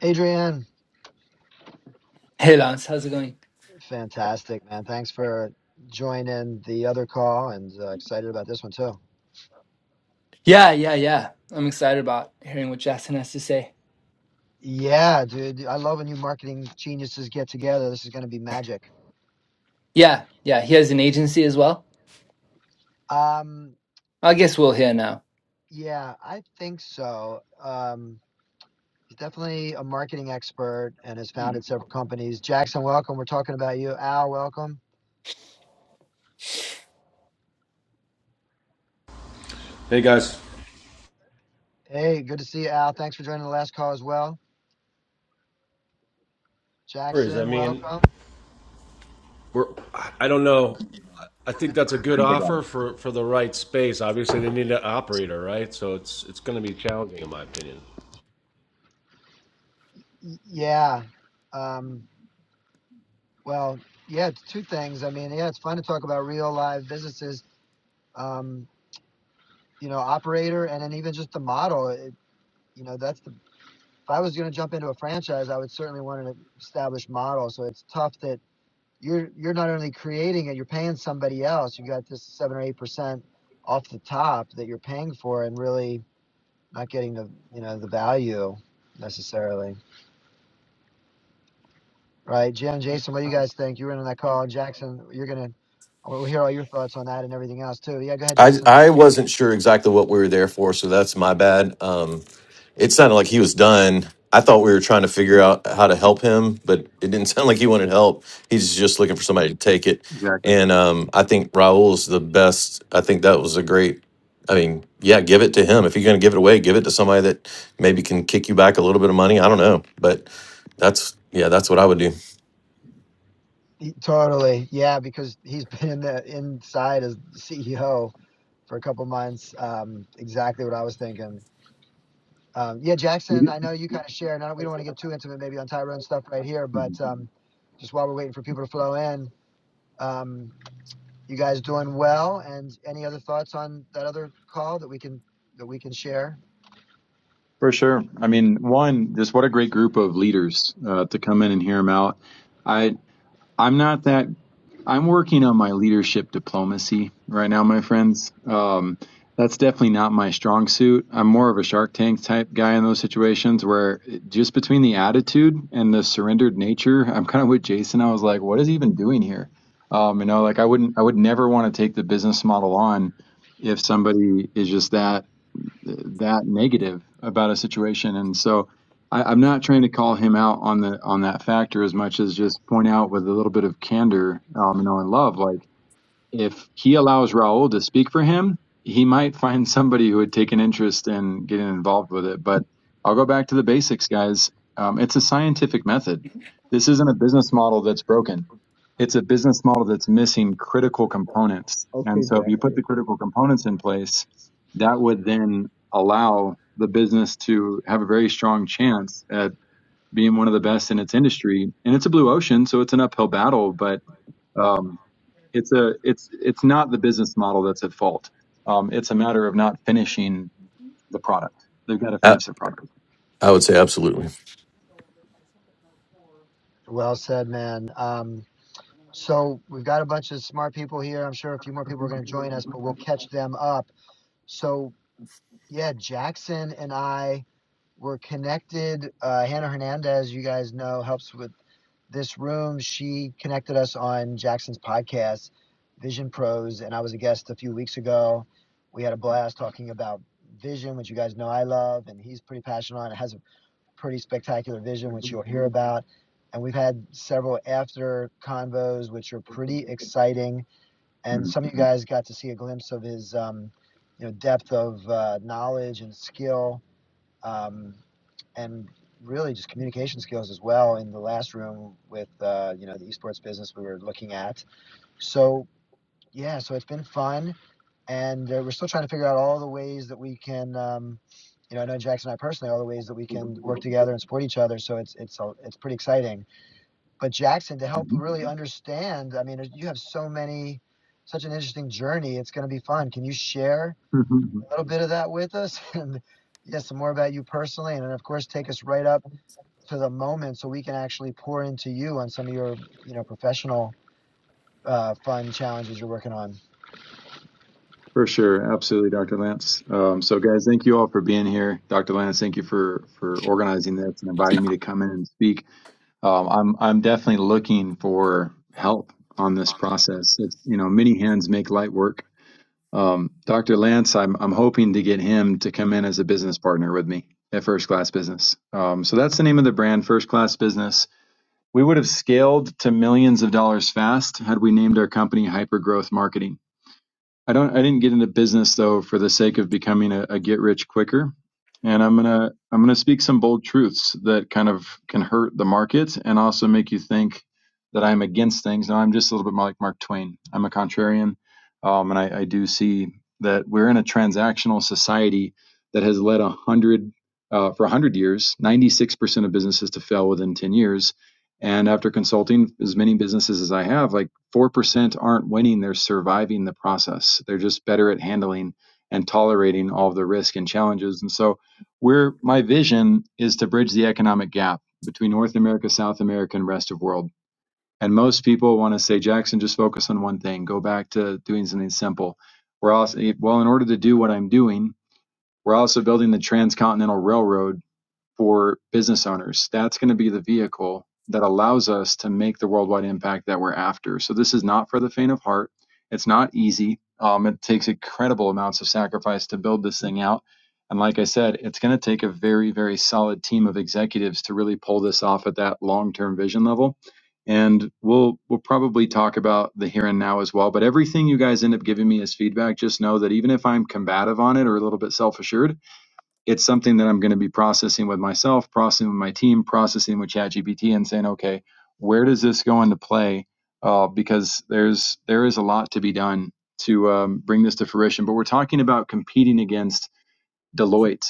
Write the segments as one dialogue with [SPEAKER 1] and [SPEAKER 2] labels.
[SPEAKER 1] Adrian,
[SPEAKER 2] Hey Lance, how's it going?
[SPEAKER 1] fantastic, man. Thanks for joining the other call and uh, excited about this one too.
[SPEAKER 2] Yeah, yeah, yeah. I'm excited about hearing what Jackson has to say.
[SPEAKER 1] Yeah, dude. I love when you marketing geniuses get together. This is going to be magic.
[SPEAKER 2] Yeah, yeah, he has an agency as well.
[SPEAKER 1] Um,
[SPEAKER 2] I guess we'll hear now.
[SPEAKER 1] yeah, I think so. Um, he's definitely a marketing expert and has
[SPEAKER 2] Mm.
[SPEAKER 1] founded several companies. Jackson, welcome. We're talking about you. Al, welcome.
[SPEAKER 3] Hey guys,
[SPEAKER 1] Hey, good to see you, Al. Thanks for joining the last call as well.
[SPEAKER 3] I
[SPEAKER 1] Jackson,
[SPEAKER 3] mean,
[SPEAKER 1] welcome.
[SPEAKER 3] we're I don't know. I think
[SPEAKER 1] That's-
[SPEAKER 3] that's a
[SPEAKER 4] I
[SPEAKER 3] good
[SPEAKER 4] think I got it.
[SPEAKER 3] offer for for the right space. Obviously, they need an operator, right? So it's it's going to be challenging, in my opinion.
[SPEAKER 1] Yeah. Um, Well, yeah, it's two things. I mean, yeah, it's fun to talk about real live businesses, um, you know, operator and then even just the model. It, you know, that's the, if I was going to jump into a franchise, I would certainly want an established model. So it's tough that you're, you're not only creating it, you're paying somebody else. You got this seven or 8% off the top that you're paying for and really not getting the, you know, the value necessarily. Right, Jim, Jason, what do you guys think? You were in on that call, Jackson. You're gonna, we'll hear all your thoughts on that and everything else too. Yeah, go ahead,
[SPEAKER 5] I
[SPEAKER 1] Jason.
[SPEAKER 5] I wasn't sure exactly what we were there for, so that's my bad. Um, it sounded like he was done. I thought we were trying to figure out how to
[SPEAKER 4] Yeah,
[SPEAKER 5] help him, but it didn't sound like he wanted help. He's just looking for somebody to take it.
[SPEAKER 4] exactly.
[SPEAKER 5] And um, I think Raul's the best. I think that was a great. I mean, yeah, give it to him. If you're going to give it away, give it to somebody that maybe can kick you back a little bit of money. I don't know, but that's yeah, that's what I would do.
[SPEAKER 1] He- Totally, yeah, because he's been in the inside as CEO for a couple months. Um, exactly what I was thinking. Um, yeah, Jackson, I know you kind of share. Now we don't want to get too intimate, maybe on Tyrone stuff right here,
[SPEAKER 4] Mhm.
[SPEAKER 1] but um, just while we're waiting for people to flow in, um, you guys doing well? And any other thoughts on that other call that we can that we can share?
[SPEAKER 4] For sure. I mean, one, just what a great group of leaders uh, to come in and hear them out. I I'm not that. I'm working on my leadership diplomacy right now, my friends. Um, that's definitely not my strong suit. I'm more of a Shark Tank type guy in those situations where just between the attitude and the surrendered nature, I'm kind of with Jason. I was like, what is he even doing here? Um, you know, like I wouldn't, I would never want to take the business model on if somebody is just that that negative about a situation. And so I, I'm not trying to call him out on the on that factor as much as just point out with a little bit of candor, um, you know, and love, like if he allows Raul to speak for him, he might find somebody who would take an interest in getting involved with it. But I'll go back to the basics, guys. Um, it's a scientific method. This isn't a business model that's broken. It's a business model that's missing critical components. And
[SPEAKER 6] Okay,
[SPEAKER 4] so if you put
[SPEAKER 6] Jackie.
[SPEAKER 4] the critical components in place, that would then allow the business to have a very strong chance at being one of the best in its industry. And it's a blue ocean, so it's an uphill battle, but um, it's a it's it's not the business model that's at fault. Um, it's a matter of not finishing the product. They've got to
[SPEAKER 5] I,
[SPEAKER 4] finish their product.
[SPEAKER 5] I would
[SPEAKER 6] That
[SPEAKER 5] say
[SPEAKER 6] was nasty.
[SPEAKER 5] absolutely.
[SPEAKER 1] Well said, man. Um, So we've got a bunch of smart people here. I'm sure a few more people are going to join us, but we'll catch them up. So yeah, Jackson and I were connected. Uh, Hannah Hernandez, you guys know, helps with this room. She connected us on Jackson's podcast, Vision Pros, and I was a guest a few weeks ago. We had a blast talking about vision, which you guys know I love, and he's pretty passionate on. It has pretty spectacular vision, which you'll hear about. And we've had several after convos, which are pretty exciting. And
[SPEAKER 4] Mhm.
[SPEAKER 1] some of you guys got to see a glimpse of his, um, you know, depth of uh, knowledge and skill, um, and really just communication skills as well. In the last room with, uh, you know, the esports business we were looking at. So yeah, so it's been fun and uh, we're still trying to figure out all the ways that we can. Um, you know, I know Jackson and I personally all the ways that we can work together and support each other. So it's it's it's pretty exciting. But Jackson, to help
[SPEAKER 4] Mhm.
[SPEAKER 1] really understand, I mean, you have so many, such an interesting journey. It's going to be fun. Can you share a little bit of that with us? And yes, some more about you personally, and then of course take us right up to the moment so we can actually pour into you on some of your you know professional uh, fun challenges you're working on.
[SPEAKER 4] For sure, absolutely, Dr. Lance. Um, so, guys, thank you all for being here. Dr. Lance, thank you for for organizing this and inviting me to come in and speak. Um, I'm I'm definitely looking for help on this process. Like, You know, many hands make light work. Um, Dr. Lance, I'm I'm hoping to get him to come in as a business partner with me at First Class Business. Um, so that's the name of the brand, First Class Business. We would have scaled to millions of dollars fast had we named our company Hypergrowth Marketing. I don't I didn't get into business though for the sake of becoming a, a get rich quicker. And I'm gonna I'm gonna speak some bold truths that kind of can hurt the market and also make you think that I'm against things. Now I'm just a little bit more like Mark Twain. I'm a contrarian, um, and I, I do see that we're in a transactional society that has led a hundred uh, for a hundred years, 96 percent of businesses to fail within 10 years. And after consulting as many businesses as I have, like four percent aren't winning; they're surviving the process. They're just better at handling and tolerating all of the risk and challenges. And so, where my vision is to bridge the economic gap between North America, South America, and rest of world. And most people want to say, Jackson, just focus on one thing. Go back to doing something simple. We're also well, in order to do what I'm doing, we're also building the transcontinental railroad for business owners. That's going to be the vehicle that allows us to make the worldwide impact that we're after. So this is not for the faint of heart. It's not easy. Um, it takes incredible amounts of sacrifice to build this thing out. And like I said, it's going to take a very, very solid team of executives to really pull this off at that long-term vision level. And we'll we'll probably talk about the here and now as well. But everything you guys end up giving me as feedback, just know that even if I'm combative on it or a little bit self-assured, it's something that I'm going to be processing with myself, processing with my team, processing with ChatGPT, and saying, okay, where does this go into play? Uh, because there's there is a lot to be done to um, bring this to fruition. But we're talking about competing against Deloitte,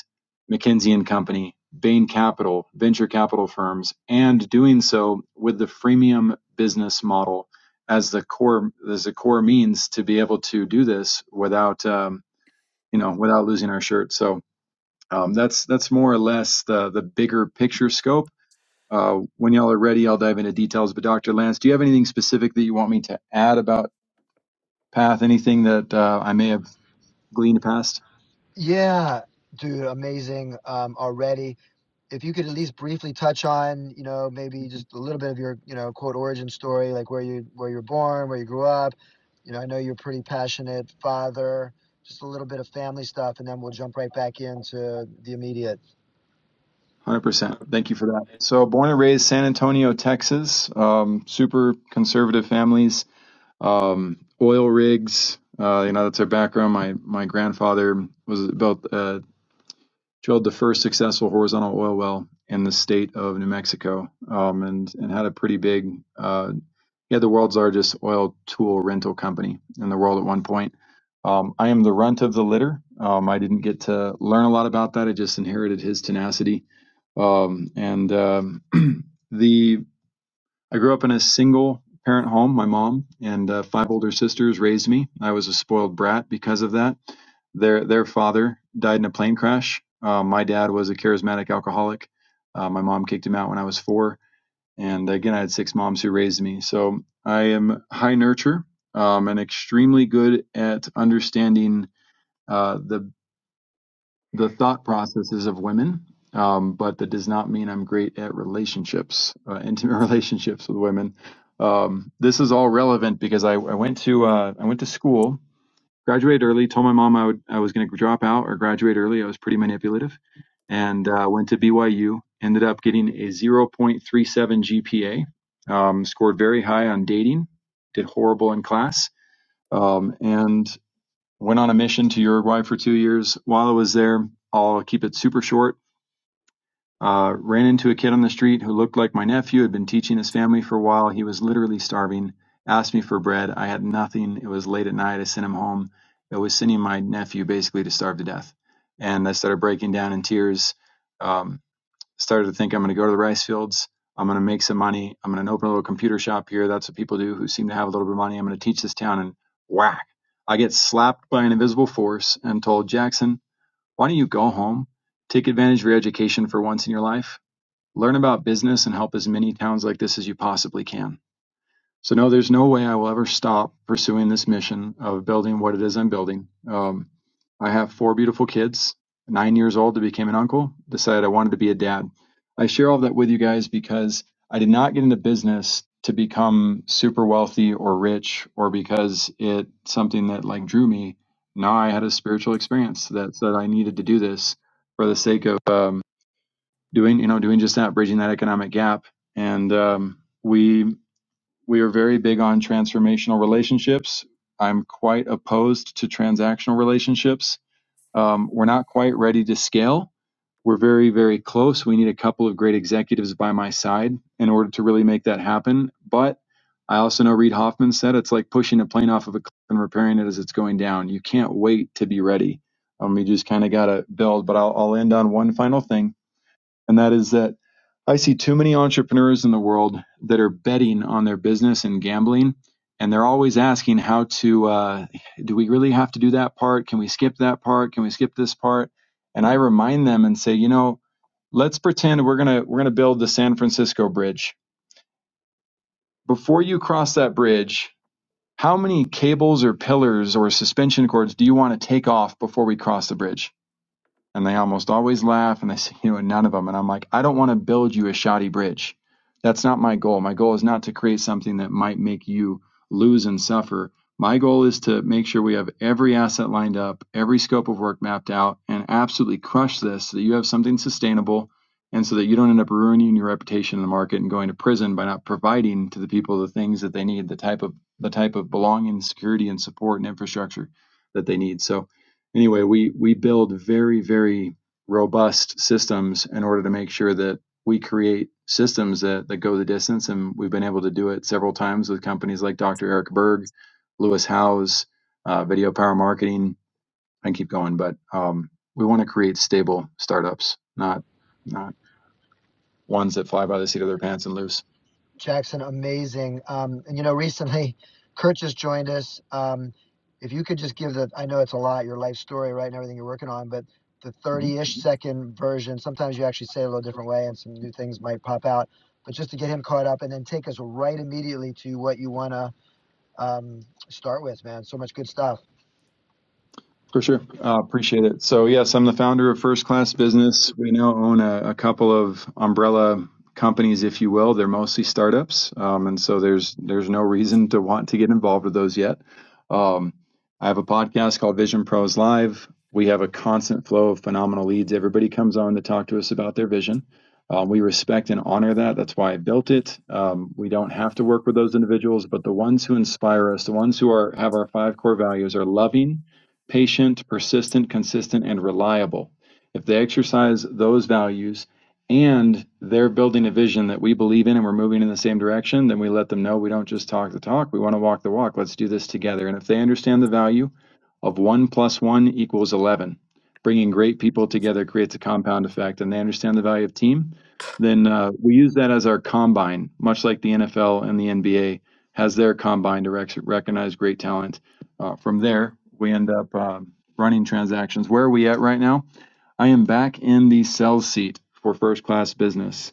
[SPEAKER 4] McKinsey and Company, Bain Capital, venture capital firms, and doing so with the freemium business model as the core as a core means to be able to do this without um, you know without losing our shirt. So um, that's that's more or less the the bigger picture scope. Uh, when y'all are ready, I'll dive into details. But Dr. Lance, do you have anything specific that you want me to add about Path? Anything that uh, I may have gleaned past?
[SPEAKER 1] Yeah, dude, amazing um, already if you could at least briefly touch on, you know, maybe just a little bit of your, you know, quote origin story, like where you where you were born, where you grew up. You know, I know you're a pretty passionate father. Just a little bit of family stuff, and then we'll jump right back into the immediate.
[SPEAKER 4] 100%. Thank you for that. So, born and raised San Antonio, Texas. Um, super conservative families. Um, oil rigs. Uh, you know, that's our background. My my grandfather was built uh, drilled the first successful horizontal oil well in the state of New Mexico, um, and and had a pretty big. Uh, he had the world's largest oil tool rental company in the world at one point. Um, I am the runt of the litter. Um, I didn't get to learn a lot about that. I just inherited his tenacity, um, and um, the I grew up in a single parent home. My mom and uh, five older sisters raised me. I was a spoiled brat because of that. Their their father died in a plane crash. Uh, my dad was a charismatic alcoholic. Uh, my mom kicked him out when I was four. And again, I had six moms who raised me. So I am high nurture um, and extremely good at understanding uh, the the thought processes of women, um, but that does not mean I'm great at relationships, uh, intimate relationships with women. Um, this is all relevant because I, I went to uh, I went to school, graduated early, told my mom I would I was going to drop out or graduate early. I was pretty manipulative, and uh, went to BYU. Ended up getting a 0.37 GPA. Um, scored very high on dating, did horrible in class, um, and went on a mission to Uruguay for two years. While I was there, I'll keep it super short. Uh, ran into a kid on the street who looked like my nephew, had been teaching his family for a while. He was literally starving, asked me for bread. I had nothing. It was late at night. I sent him home. I was sending my nephew basically to starve to death. And I started breaking down in tears. Um, started to think I'm going to go to the rice fields. I'm going to make some money. I'm going to open a little computer shop here. That's what people do who seem to have a little bit of money. I'm going to teach this town and whack. I get slapped by an invisible force and told, Jackson, why don't you go home? Take advantage of your education for once in your life. Learn about business and help as many towns like this as you possibly can. So no, there's no way I will ever stop pursuing this mission of building what it is I'm building. Um, I have four beautiful kids, nine years old to became an uncle, decided I wanted to be a dad. I share all that with you guys because I did not get into business to become super wealthy or rich or because it's something that like drew me. No, I had a spiritual experience that said I needed to do this for the sake of um, doing, you know, doing just that, bridging that economic gap. And um, we we are very big on transformational relationships. I'm quite opposed to transactional relationships. Um, we're not quite ready to scale. We're very, very close. We need a couple of great executives by my side in order to really make that happen. But I also know Reid Hoffman said it's like pushing a plane off of a cliff and repairing it as it's going down. You can't wait to be ready. Um, you just kind of got to build. But I'll, I'll end on one final thing and that is that I see too many entrepreneurs in the world that are betting on their business and gambling, and they're always asking how to uh, do we really have to do that part? Can we skip that part? Can we skip this part? And I remind them and say, you know, let's pretend we're gonna we're gonna build the San Francisco Bridge. Before you cross that bridge, how many cables or pillars or suspension cords do you want to take off before we cross the bridge? and they almost always laugh and they say, you know, none of them. And I'm like, I don't want to build you a shoddy bridge. That's not my goal. My goal is not to create something that might make you lose and suffer. My goal is to make sure we have every asset lined up, every scope of work mapped out, and absolutely crush this so that you have something sustainable and so that you don't end up ruining your reputation in the market and going to prison by not providing to the people the things that they need, the type of the type of belonging, security, and support and infrastructure that they need. So anyway, we we build very very robust systems in order to make sure that we create systems that that go the distance, and we've been able to do it several times with companies like Dr. Eric Berg, Lewis Howes, uh, Video Power Marketing. I can keep going, but um, we want to create stable startups, not not ones that fly by the seat of their pants and loose.
[SPEAKER 1] Jackson, amazing. Um, and you know, recently Kurt just joined us. Um, if you could just give the, I know it's a lot, your life story, right, and everything you're working on, but the 30 ish second version, sometimes you actually say it a little different way and some new things might pop out. But just to get him caught up and then take us right immediately to what you want to um, start with, man. So much good stuff.
[SPEAKER 4] For sure. Uh, appreciate it. So, yes, I'm the founder of First Class Business. We now own a, a couple of umbrella companies, if you will. They're mostly startups. Um, and so there's there's no reason to want to get involved with those yet. Um, I have a podcast called Vision Pros Live. We have a constant flow of phenomenal leads. Everybody comes on to talk to us about their vision. Um, we respect and honor that. That's why I built it. Um, we don't have to work with those individuals, but the ones who inspire us, the ones who are have our five core values, are loving, patient, persistent, consistent, and reliable. If they exercise those values and they're building a vision that we believe in and we're moving in the same direction, then we let them know we don't just talk the talk, we want to walk the walk. Let's do this together. And if they understand the value of one plus one equals 11, bringing great people together creates a compound effect, and they understand the value of team, then uh, we use that as our combine, much like the NFL and the NBA has their combine to rec- recognize great talent uh, from there, we end up um, running transactions. Where are we at right now? I am back in the sales seat for first class business.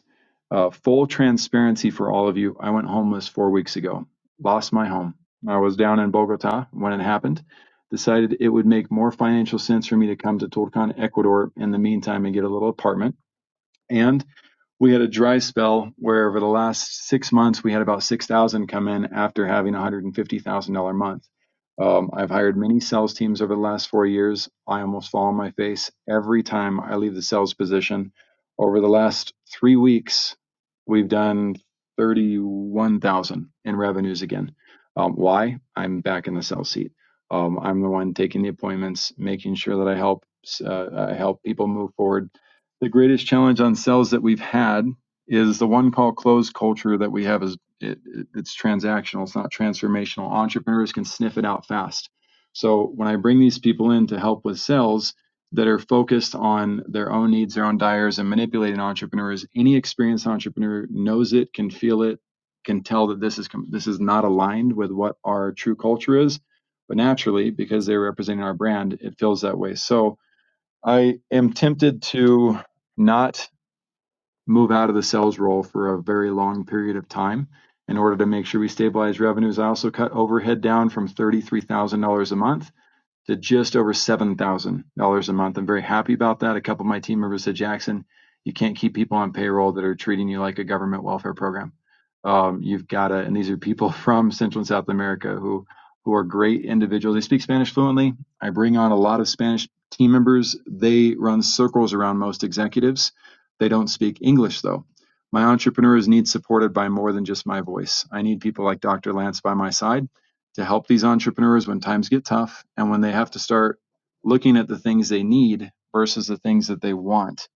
[SPEAKER 4] Uh, full transparency for all of you. I went homeless four weeks ago, lost my home. I was down in Bogota when it happened. Decided it would make more financial sense for me to come to Tulcan, Ecuador in the meantime and get a little apartment. And we had a dry spell where over the last six months we had about 6000 come in after having a $150000 month um, i've hired many sales teams over the last four years i almost fall on my face every time i leave the sales position over the last three weeks we've done 31000 in revenues again um, why i'm back in the sales seat um, i'm the one taking the appointments making sure that i help uh, help people move forward the greatest challenge on sales that we've had is the one call close culture that we have is it, it- it's transactional it's not transformational entrepreneurs can sniff it out fast so when i bring these people in to help with sales that are focused on their own needs their own desires and manipulating entrepreneurs any experienced entrepreneur knows it can feel it can tell that this is this is not aligned with what our true culture is but naturally because they're representing our brand it feels that way so I am tempted to not move out of the sales role for a very long period of time in order to make sure we stabilize revenues. I also cut overhead down from $33,000 a month to just over $7,000 a month. I'm very happy about that. A couple of my team members said, Jackson, you can't keep people on payroll that are treating you like a government welfare program. Um, you've got to, and these are people from Central and South America who, who are great individuals. They speak Spanish fluently. I bring on a lot of Spanish team members. They run circles around most executives. They don't speak English though. My entrepreneurs need supported by more than just my voice. I need people like Dr. Lance by my side to help these entrepreneurs when times get tough and when they have to start looking at the things they need versus the things that they want.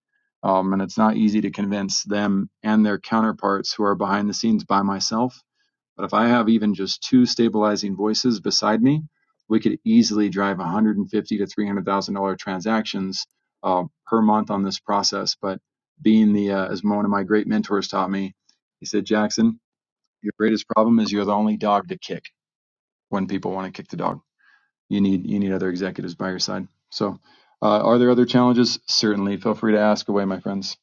[SPEAKER 4] Um, and it's not easy to convince them and their counterparts who are behind the scenes by myself. But if I have even just two stabilizing voices beside me, we could easily drive 150 to 300 thousand dollar transactions uh, per month on this process. But being the uh, as one of my great mentors taught me, he said, Jackson, your greatest problem is you're the only dog to kick when people want to kick the dog. You need you need other executives by your side. So, uh, are there other challenges? Certainly, feel free to ask away, my friends.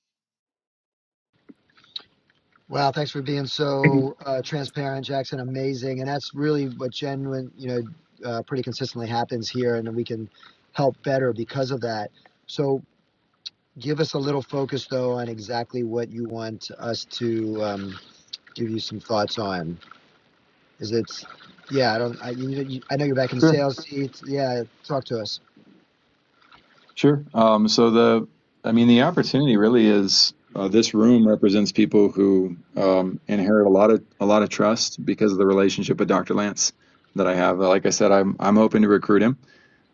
[SPEAKER 1] Wow, thanks for being so uh, transparent, Jackson. Amazing, and that's really what genuine, you know, uh, pretty consistently happens here, and we can help better because of that. So, give us a little focus though on exactly what you want us to um, give you some thoughts on. Is it? Yeah, I don't. I, you, you, I know you're back in the
[SPEAKER 4] Sure,
[SPEAKER 1] sales seat. Yeah, talk to us.
[SPEAKER 4] sure. Um, so the I mean the opportunity really is uh, this room represents people who um, inherit a lot of a lot of trust because of the relationship with Dr. Lance that I have. Like I said, I'm I'm hoping to recruit him.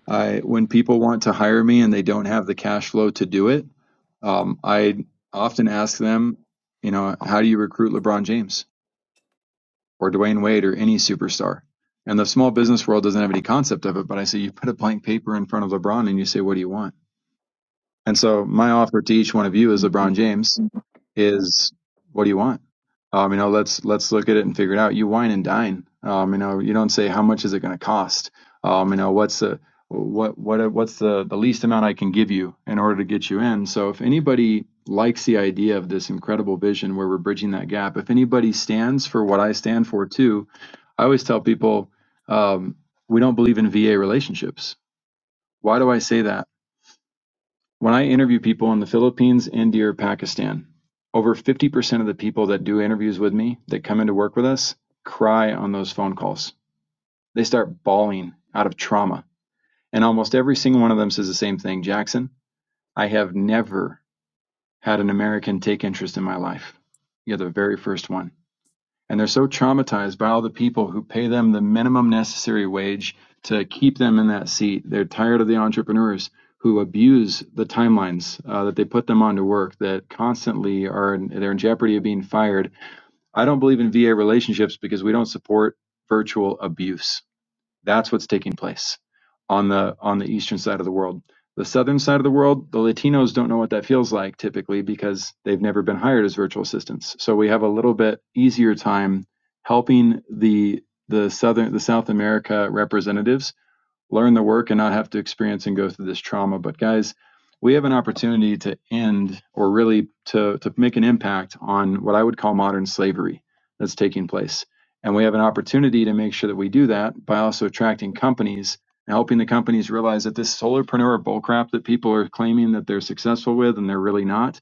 [SPEAKER 4] I when people want to hire me and they don't have the cash flow to do it, um, I often ask them, you know, how do you recruit LeBron James? or Dwayne Wade or any superstar. And the small business world doesn't have any concept of it, but I say you put a blank paper in front of LeBron and you say, What do you want? And so my offer to each one of you is LeBron James is what do you want? Um, you know, let's let's look at it and figure it out. You wine and dine. Um, you know, you don't say how much is it going to cost. Um, you know, what's the what what what's the the least amount I can give you in order to get you in. So if anybody likes the idea of this incredible vision where we're bridging that gap, if anybody stands for what I stand for too, I always tell people um, we don't believe in VA relationships. Why do I say that? When I interview people in the Philippines, India, or Pakistan, over 50% of the people that do interviews with me that come into work with us cry on those phone calls. They start bawling out of trauma. And almost every single one of them says the same thing Jackson, I have never had an American take interest in my life. You're the very first one and they're so traumatized by all the people who pay them the minimum necessary wage to keep them in that seat. They're tired of the entrepreneurs who abuse the timelines uh, that they put them on to work that constantly are in, they're in jeopardy of being fired. I don't believe in VA relationships because we don't support virtual abuse. That's what's taking place on the on the eastern side of the world. The southern side of the world, the Latinos don't know what that feels like typically because they've never been hired as virtual assistants. So we have a little bit easier time helping the the southern the South America representatives learn the work and not have to experience and go through this trauma. But guys, we have an opportunity to end or really to, to make an impact on what I would call modern slavery that's taking place. And we have an opportunity to make sure that we do that by also attracting companies and helping the companies realize that this solopreneur bullcrap that people are claiming that they're successful with and they're really not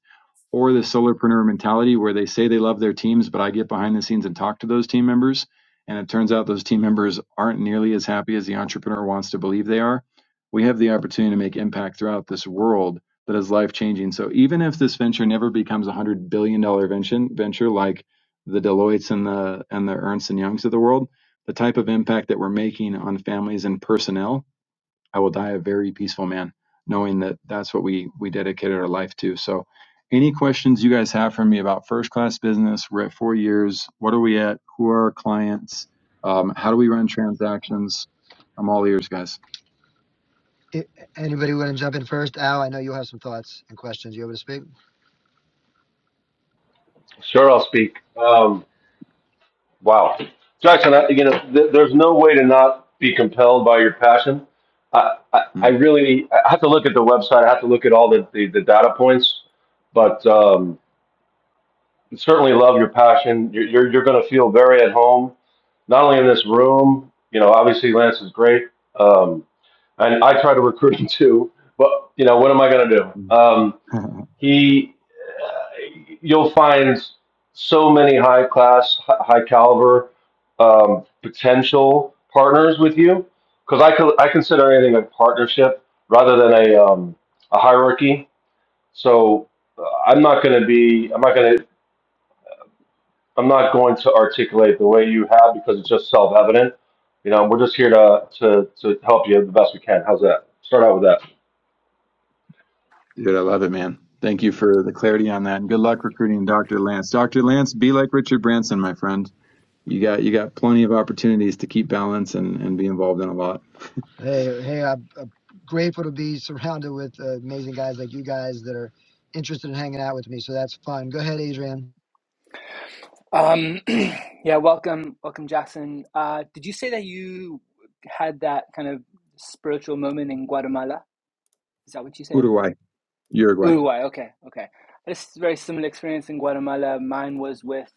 [SPEAKER 4] or the solopreneur mentality where they say they love their teams, but I get behind the scenes and talk to those team members. And it turns out those team members aren't nearly as happy as the entrepreneur wants to believe they are. We have the opportunity to make impact throughout this world that is life changing. So even if this venture never becomes a hundred billion dollar venture, venture like the Deloitte's and the and the Ernst and Youngs of the world, the type of impact that we're making on families and personnel I will die a very peaceful man, knowing that that's what we we dedicated our life to. So, any questions you guys have for me about first class business? We're at four years. What are we at? Who are our clients? Um, how do we run transactions? I'm all ears, guys.
[SPEAKER 1] I anybody want to jump in first? Al, I know you have some thoughts and questions. You able to speak?
[SPEAKER 3] Sure, I'll speak. Um, wow, Jackson, I, you know, th- there's no way to not be compelled by your passion. I, I, I
[SPEAKER 4] Mm.
[SPEAKER 3] really, I have to look at the website. I have to look at all the, the, the data points, but um, certainly love your passion. You're, you're, you're going to feel very at home. not only in this room, you know, obviously Lance is great. Um, and I try to recruit him too, but you know, what am I going to do? Um, he, you'll find so many high class, high caliber, um, potential partners with you. Cause I co- I consider anything a partnership rather than a, um, a hierarchy. So uh, I'm not going to be, I'm not going to I'm not going to articulate the way you have because it's just self-evident. You know, we're just here to to to help you the best we can. How's that? Start out with that.
[SPEAKER 4] Dude, I love it, man. Thank you for the clarity on that, and good luck recruiting Dr. Lance. Dr. Lance, be like Richard Branson, my friend. You got you got plenty of opportunities to keep balance and and be involved in a lot.
[SPEAKER 1] Hey, hey, I'm, I'm grateful to be surrounded with uh, amazing guys like you guys that are interested in hanging out with me. So that's fun. Go ahead, Adrian.
[SPEAKER 2] Um, yeah, welcome, welcome, Jackson. Uh, did you say that you had that kind of spiritual moment in Guatemala? Is that what you said?
[SPEAKER 4] Uruguay, Uruguay.
[SPEAKER 2] Uruguay, okay, okay. This is a very similar experience in Guatemala. Mine was with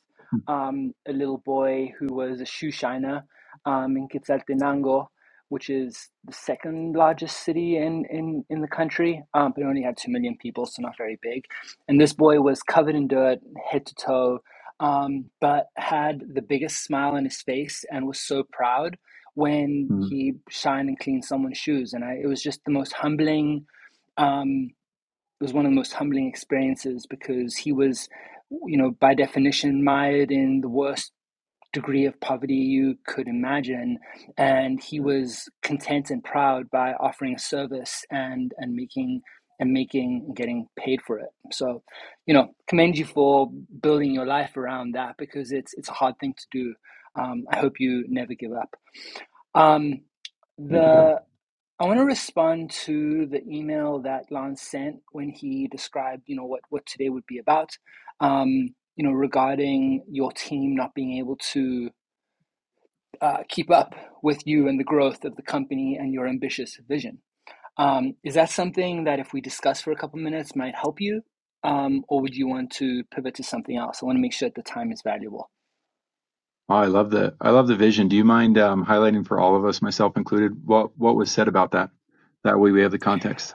[SPEAKER 2] um, a little boy who was a shoe shiner um, in Quetzaltenango, which is the second largest city in, in, in the country, um, but it only had 2 million people, so not very big. And this boy was covered in dirt, head to toe, um, but had the biggest smile on his face and was so proud when
[SPEAKER 4] Mm.
[SPEAKER 2] he shined and cleaned someone's shoes. And I, it was just the most humbling. um, it was one of the most humbling experiences because he was, you know, by definition, mired in the worst degree of poverty you could imagine. And he was content and proud by offering a service and, and making and making and getting paid for it. So, you know, commend you for building your life around that because it's it's a hard thing to do. Um, I hope you never give up. Um,
[SPEAKER 4] Thank you, brother.
[SPEAKER 2] the I want to respond to the email that Lon sent when he described, you know, what what today would be about. Um, you know, regarding your team not being able to uh, keep up with you and the growth of the company and your ambitious vision. Um, is that something that if we discuss for a couple minutes might help you, um, or would you want to pivot to something else? I want to make sure that the time is valuable.
[SPEAKER 4] Oh, I love the I love the vision. Do you mind um, highlighting for all of us, myself included, what what was said about that? That way we have the context.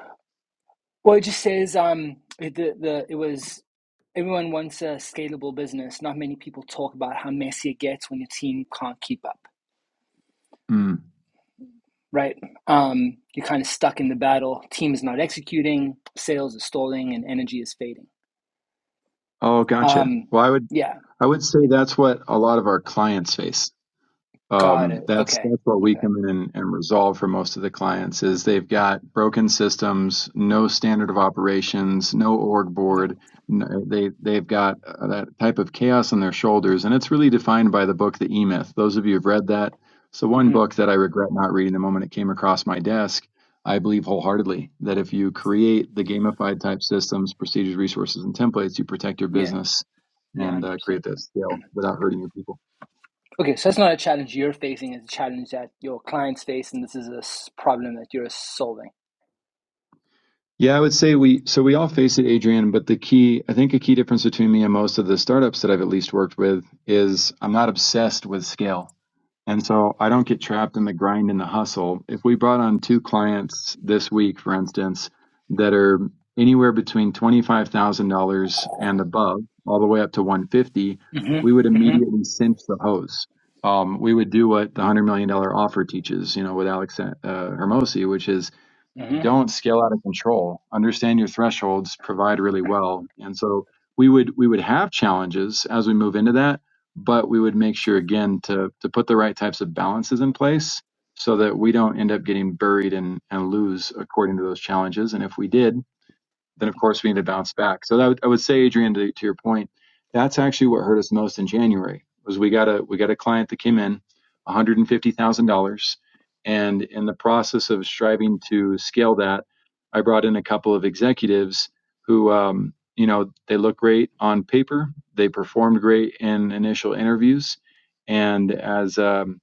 [SPEAKER 2] Well, it just says um, it, the, the it was Everyone wants a scalable business. Not many people talk about how messy it gets when your team can't keep up,
[SPEAKER 4] Mm.
[SPEAKER 2] right? Um, you're kind of stuck in the battle. Team is not executing, sales is stalling, and energy is fading.
[SPEAKER 4] Oh, gotcha.
[SPEAKER 2] Um,
[SPEAKER 4] Well, I would
[SPEAKER 2] yeah,
[SPEAKER 4] I would say
[SPEAKER 2] yeah,
[SPEAKER 4] that's what a lot of our clients face.
[SPEAKER 2] got
[SPEAKER 4] Um,
[SPEAKER 2] it.
[SPEAKER 4] that's
[SPEAKER 2] Okay,
[SPEAKER 4] that's what we
[SPEAKER 2] okay,
[SPEAKER 4] come in and, and resolve for most of the clients is they've got broken systems, no standard of operations, no org
[SPEAKER 2] okay.
[SPEAKER 4] board. n they they've got uh, that type of chaos on their shoulders, and it's really defined by the book The E Myth. Those of you who've read that, so one
[SPEAKER 2] hmm
[SPEAKER 4] book that I regret not reading the moment it came across my desk. I believe wholeheartedly that if you create the gamified type systems, procedures, resources, and templates, you protect your
[SPEAKER 2] Yeah,
[SPEAKER 4] business
[SPEAKER 2] yeah, one
[SPEAKER 4] and
[SPEAKER 2] hundred
[SPEAKER 4] uh,
[SPEAKER 2] percent.
[SPEAKER 4] create that scale without hurting your people.
[SPEAKER 2] Okay, so that's not a challenge you're facing; it's a challenge that your clients face, and this is a s- problem that you're solving.
[SPEAKER 4] Yeah, I would say we so we all face it, Adrian, but the key I think a key difference between me and most of the startups that I've at least worked with is I'm not obsessed with scale. And so I don't get trapped in the grind and the hustle. If we brought on two clients this week, for instance, that are anywhere between $25,000 and above, all the way up to 150,
[SPEAKER 2] hmm
[SPEAKER 4] we would
[SPEAKER 2] hmm
[SPEAKER 4] immediately cinch the hose. Um, we would do what the $100 million dollar offer teaches, you know, with Alex uh, Hermosi, which is
[SPEAKER 2] hmm
[SPEAKER 4] don't scale out of control understand your thresholds provide really well and so we would we would have challenges as we move into that but we would make sure again to to put the right types of balances in place so that we don't end up getting buried and, and lose according to those challenges and if we did then of course we need to bounce back. So that would, I would say, Adrian, to, to your point, that's actually what hurt us most in January was we got a we got a client that came in, one hundred and fifty thousand dollars, and in the process of striving to scale that, I brought in a couple of executives who, um, you know, they look great on paper, they performed great in initial interviews, and as um,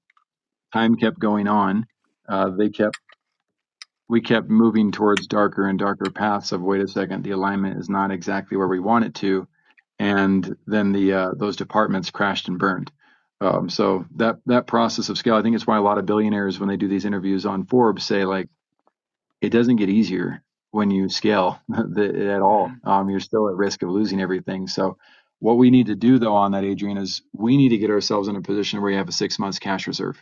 [SPEAKER 4] time kept going on. Uh, they kept we kept moving towards darker and darker paths of wait a second the alignment is not exactly where we want it to and then the uh, those departments crashed and burned um, so that that process of scale i think it's why a lot of billionaires when they do these interviews on forbes say like it doesn't get easier when you scale at
[SPEAKER 2] hmm
[SPEAKER 4] all um, you're still at risk of losing everything so what we need to do though on that adrian is we need to get ourselves in a position where we have a six months cash reserve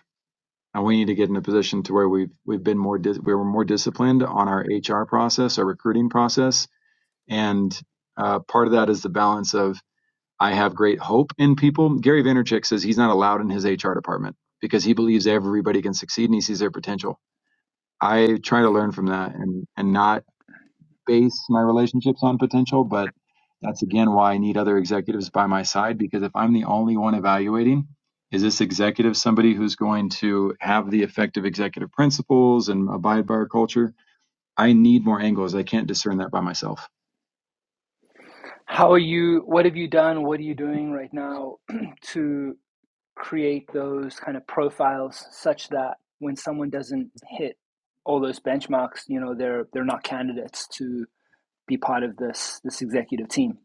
[SPEAKER 4] and we need to get in a position to where we've we've been more dis- we were more disciplined on our HR process, our recruiting process, and uh, part of that is the balance of I have great hope in people. Gary Vaynerchuk says he's not allowed in his HR department because he believes everybody can succeed and he sees their potential. I try to learn from that and and not base my relationships on potential, but that's again why I need other executives by my side because if I'm the only one evaluating, is this executive somebody who's going to have the effective executive principles and abide by our culture? I need more angles. I can't discern that by myself.
[SPEAKER 2] How are you? What have you done? What are you doing right now to? create those kind of profiles such that when someone doesn't hit all those benchmarks, you know, they're they're not candidates to be part of this this executive team.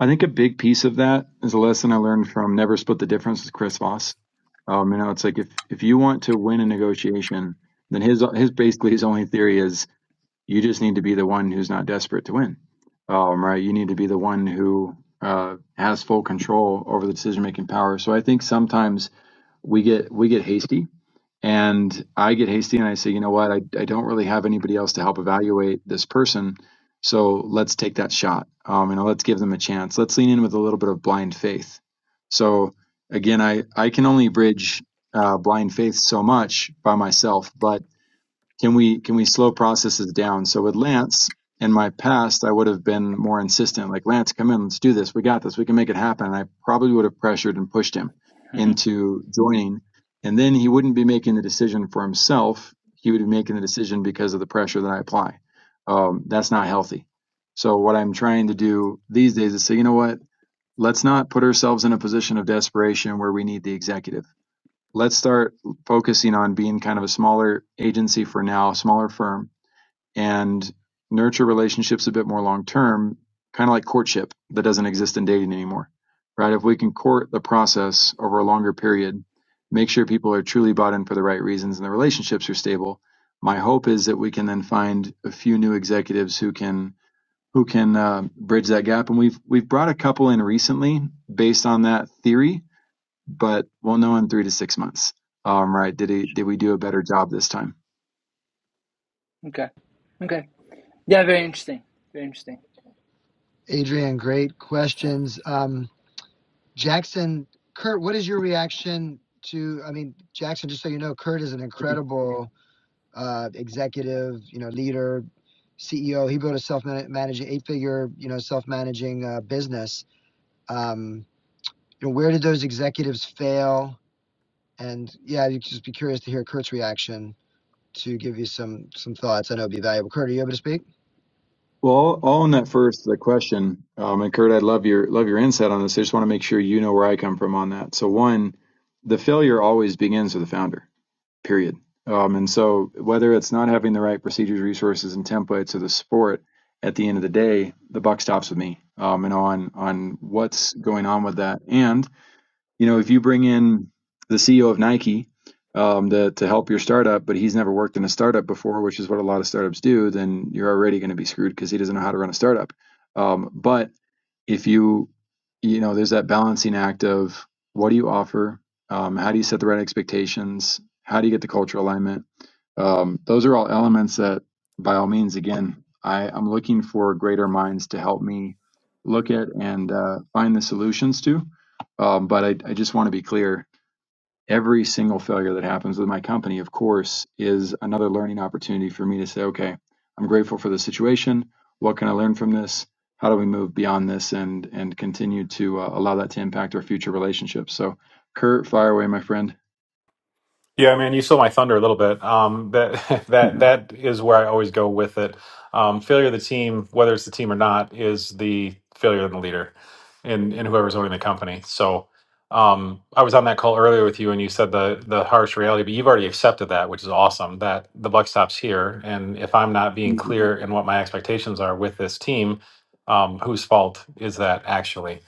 [SPEAKER 4] I think a big piece of that is a lesson I learned from Never Split the Difference with Chris Voss. Um, you know, it's like if if you want to win a negotiation, then his his basically his only theory is You just need to be the one who's not desperate to win, um, right? You need to be the one who uh, has full control over the decision making power. So I think sometimes we get we get hasty, and I get hasty, and I say, you know what, I, I don't really have anybody else to help evaluate this person, so let's take that shot. Um, you know, let's give them a chance. Let's lean in with a little bit of blind faith. So again, I I can only bridge uh, blind faith so much by myself, but can we can we slow processes down? So with Lance in my past, I would have been more insistent, like Lance, come in, let's do this, we got this, we can make it happen. And I probably would have pressured and pushed him
[SPEAKER 2] hmm
[SPEAKER 4] into joining, and then he wouldn't be making the decision for himself. He would be making the decision because of the pressure that I apply. Um, that's not healthy. So what I'm trying to do these days is say, you know what? Let's not put ourselves in a position of desperation where we need the executive let's start focusing on being kind of a smaller agency for now, smaller firm, and nurture relationships a bit more long term, kind of like courtship that doesn't exist in dating anymore, right? If we can court the process over a longer period, make sure people are truly bought in for the right reasons and the relationships are stable. My hope is that we can then find a few new executives who can who can uh, bridge that gap, and we've we've brought a couple in recently based on that theory but we'll know in three to six months. Um, right? Did he, did we do a better job this time?
[SPEAKER 2] Okay. Okay. Yeah, very interesting. Very interesting.
[SPEAKER 1] Adrian, great questions. Um, Jackson, Kurt, what is your reaction to? I mean, Jackson, just so you know, Kurt is an incredible uh, executive, you know, leader, CEO. He built a self-managing eight-figure, you know, self-managing uh, business. Um, you know, where did those executives fail? And yeah, you'd just be curious to hear Kurt's reaction to give you some some thoughts. I know it'd be valuable. Kurt, are you able to speak?
[SPEAKER 4] Well, I'll own that first, the question. Um, and Kurt, I'd love your love your insight on this. I just want to make sure you know where I come from on that. So one, the failure always begins with the founder, period. Um, and so whether it's not having the right procedures, resources, and templates or the support, at the end of the day, the buck stops with me. Um, and on on what's going on with that. And you know, if you bring in the CEO of Nike um, to to help your startup, but he's never worked in a startup before, which is what a lot of startups do, then you're already going to be screwed because he doesn't know how to run a startup. Um, but if you you know there's that balancing act of what do you offer um, how do you set the right expectations how do you get the cultural alignment um, those are all elements that by all means again I, i'm looking for greater minds to help me look at and uh, find the solutions to um, but I, I just want to be clear every single failure that happens with my company, of course, is another learning opportunity for me to say, okay, I'm grateful for the situation. What can I learn from this? How do we move beyond this and and continue to uh, allow that to impact our future relationships? So, Kurt, fire away, my friend.
[SPEAKER 7] Yeah, I mean, you stole my thunder a little bit. Um, that that
[SPEAKER 4] Mhm.
[SPEAKER 7] that is where I always go with it. Um, failure of the team, whether it's the team or not, is the failure of the leader, and and whoever's owning the company. So, um, I was on that call earlier with you, and you said the the harsh reality, but you've already accepted that, which is awesome. That the buck stops here, and if I'm not being clear in what my expectations are with this team, um, whose fault is that actually?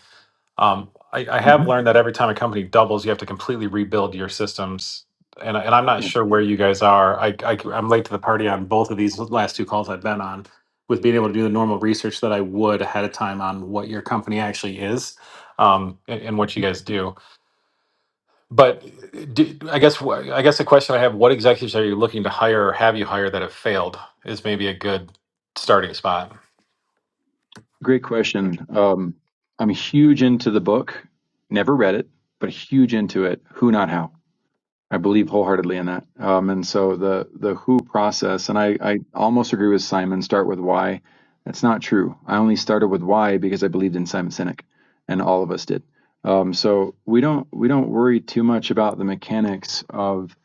[SPEAKER 7] Um, I, I have
[SPEAKER 4] Mhm.
[SPEAKER 7] learned that every time a company doubles, you have to completely rebuild your systems. And, I- and I'm not
[SPEAKER 4] Yeah,
[SPEAKER 7] sure where you guys are. I, I, am late to the party on both of these last two calls I've been on with being able to do the normal research that I would ahead of time on what your company actually is um, and, and what you guys do. But do, I guess wh- I guess the question I have: What executives are you looking to hire or have you hired that have failed? Is maybe a good starting spot.
[SPEAKER 4] great question. Um, I'm huge into the book. Never read it, but huge into it. Who, not how I believe wholeheartedly in that. Um, and so the the who process, and I, I almost agree with Simon, start with why. That's not true. I only started with why because I believed in Simon Sinek, and all of us did. Um, so we don't we don't worry too much about the mechanics of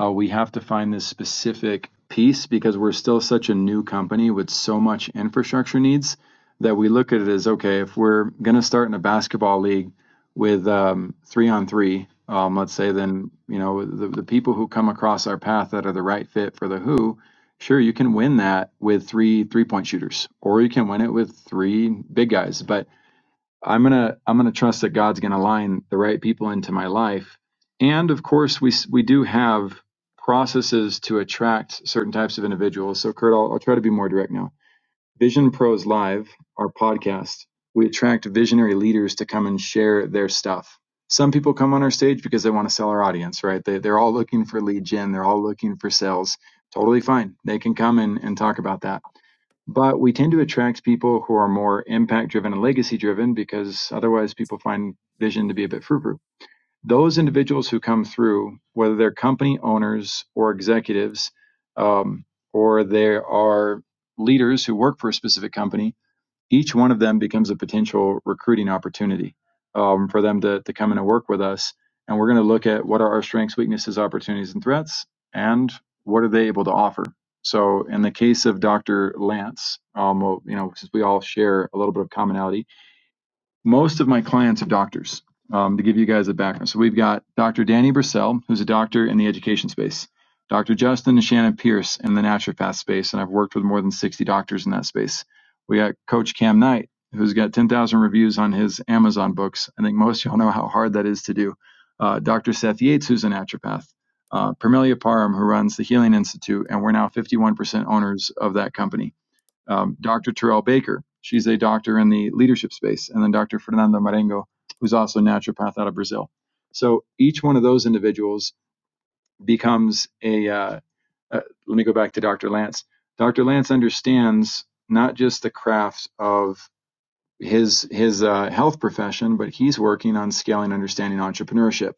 [SPEAKER 4] uh, we have to find this specific piece because we're still such a new company with so much infrastructure needs that we look at it as okay if we're going to start in a basketball league with um, three on three, um, let's say, then you know the the people who come across our path that are the right fit for the who. Sure, you can win that with three three point shooters, or you can win it with three big guys. But I'm gonna I'm gonna trust that God's gonna line the right people into my life, and of course we we do have processes to attract certain types of individuals. So Kurt, I'll, I'll try to be more direct now Vision Pros Live, our podcast, we attract visionary leaders to come and share their stuff. Some people come on our stage because they want to sell our audience, right? They, they're all looking for lead gen, they're all looking for sales. Totally fine. They can come and, and talk about that. But we tend to attract people who are more impact driven and legacy driven because otherwise people find vision to be a bit frou frou those individuals who come through, whether they're company owners or executives, um, or they are leaders who work for a specific company, each one of them becomes a potential recruiting opportunity um, for them to, to come in and work with us. And we're going to look at what are our strengths, weaknesses, opportunities, and threats, and what are they able to offer. So, in the case of Dr. Lance, um, well, you know, since we all share a little bit of commonality, most of my clients are doctors. Um, to give you guys a background, so we've got Dr. Danny Brissell, who's a doctor in the education space, Dr. Justin and Shannon Pierce in the naturopath space, and I've worked with more than 60 doctors in that space. We got Coach Cam Knight, who's got 10,000 reviews on his Amazon books. I think most of y'all know how hard that is to do. Uh, Dr. Seth Yates, who's a naturopath, uh, Parmelia Parham, who runs the Healing Institute, and we're now 51% owners of that company um, Dr. Terrell Baker. She's a doctor in the leadership space, and then Dr. Fernando Marengo, who's also a naturopath out of Brazil. So each one of those individuals becomes a. Uh, uh, let me go back to Dr. Lance. Dr. Lance understands not just the craft of his his uh, health profession, but he's working on scaling, understanding entrepreneurship.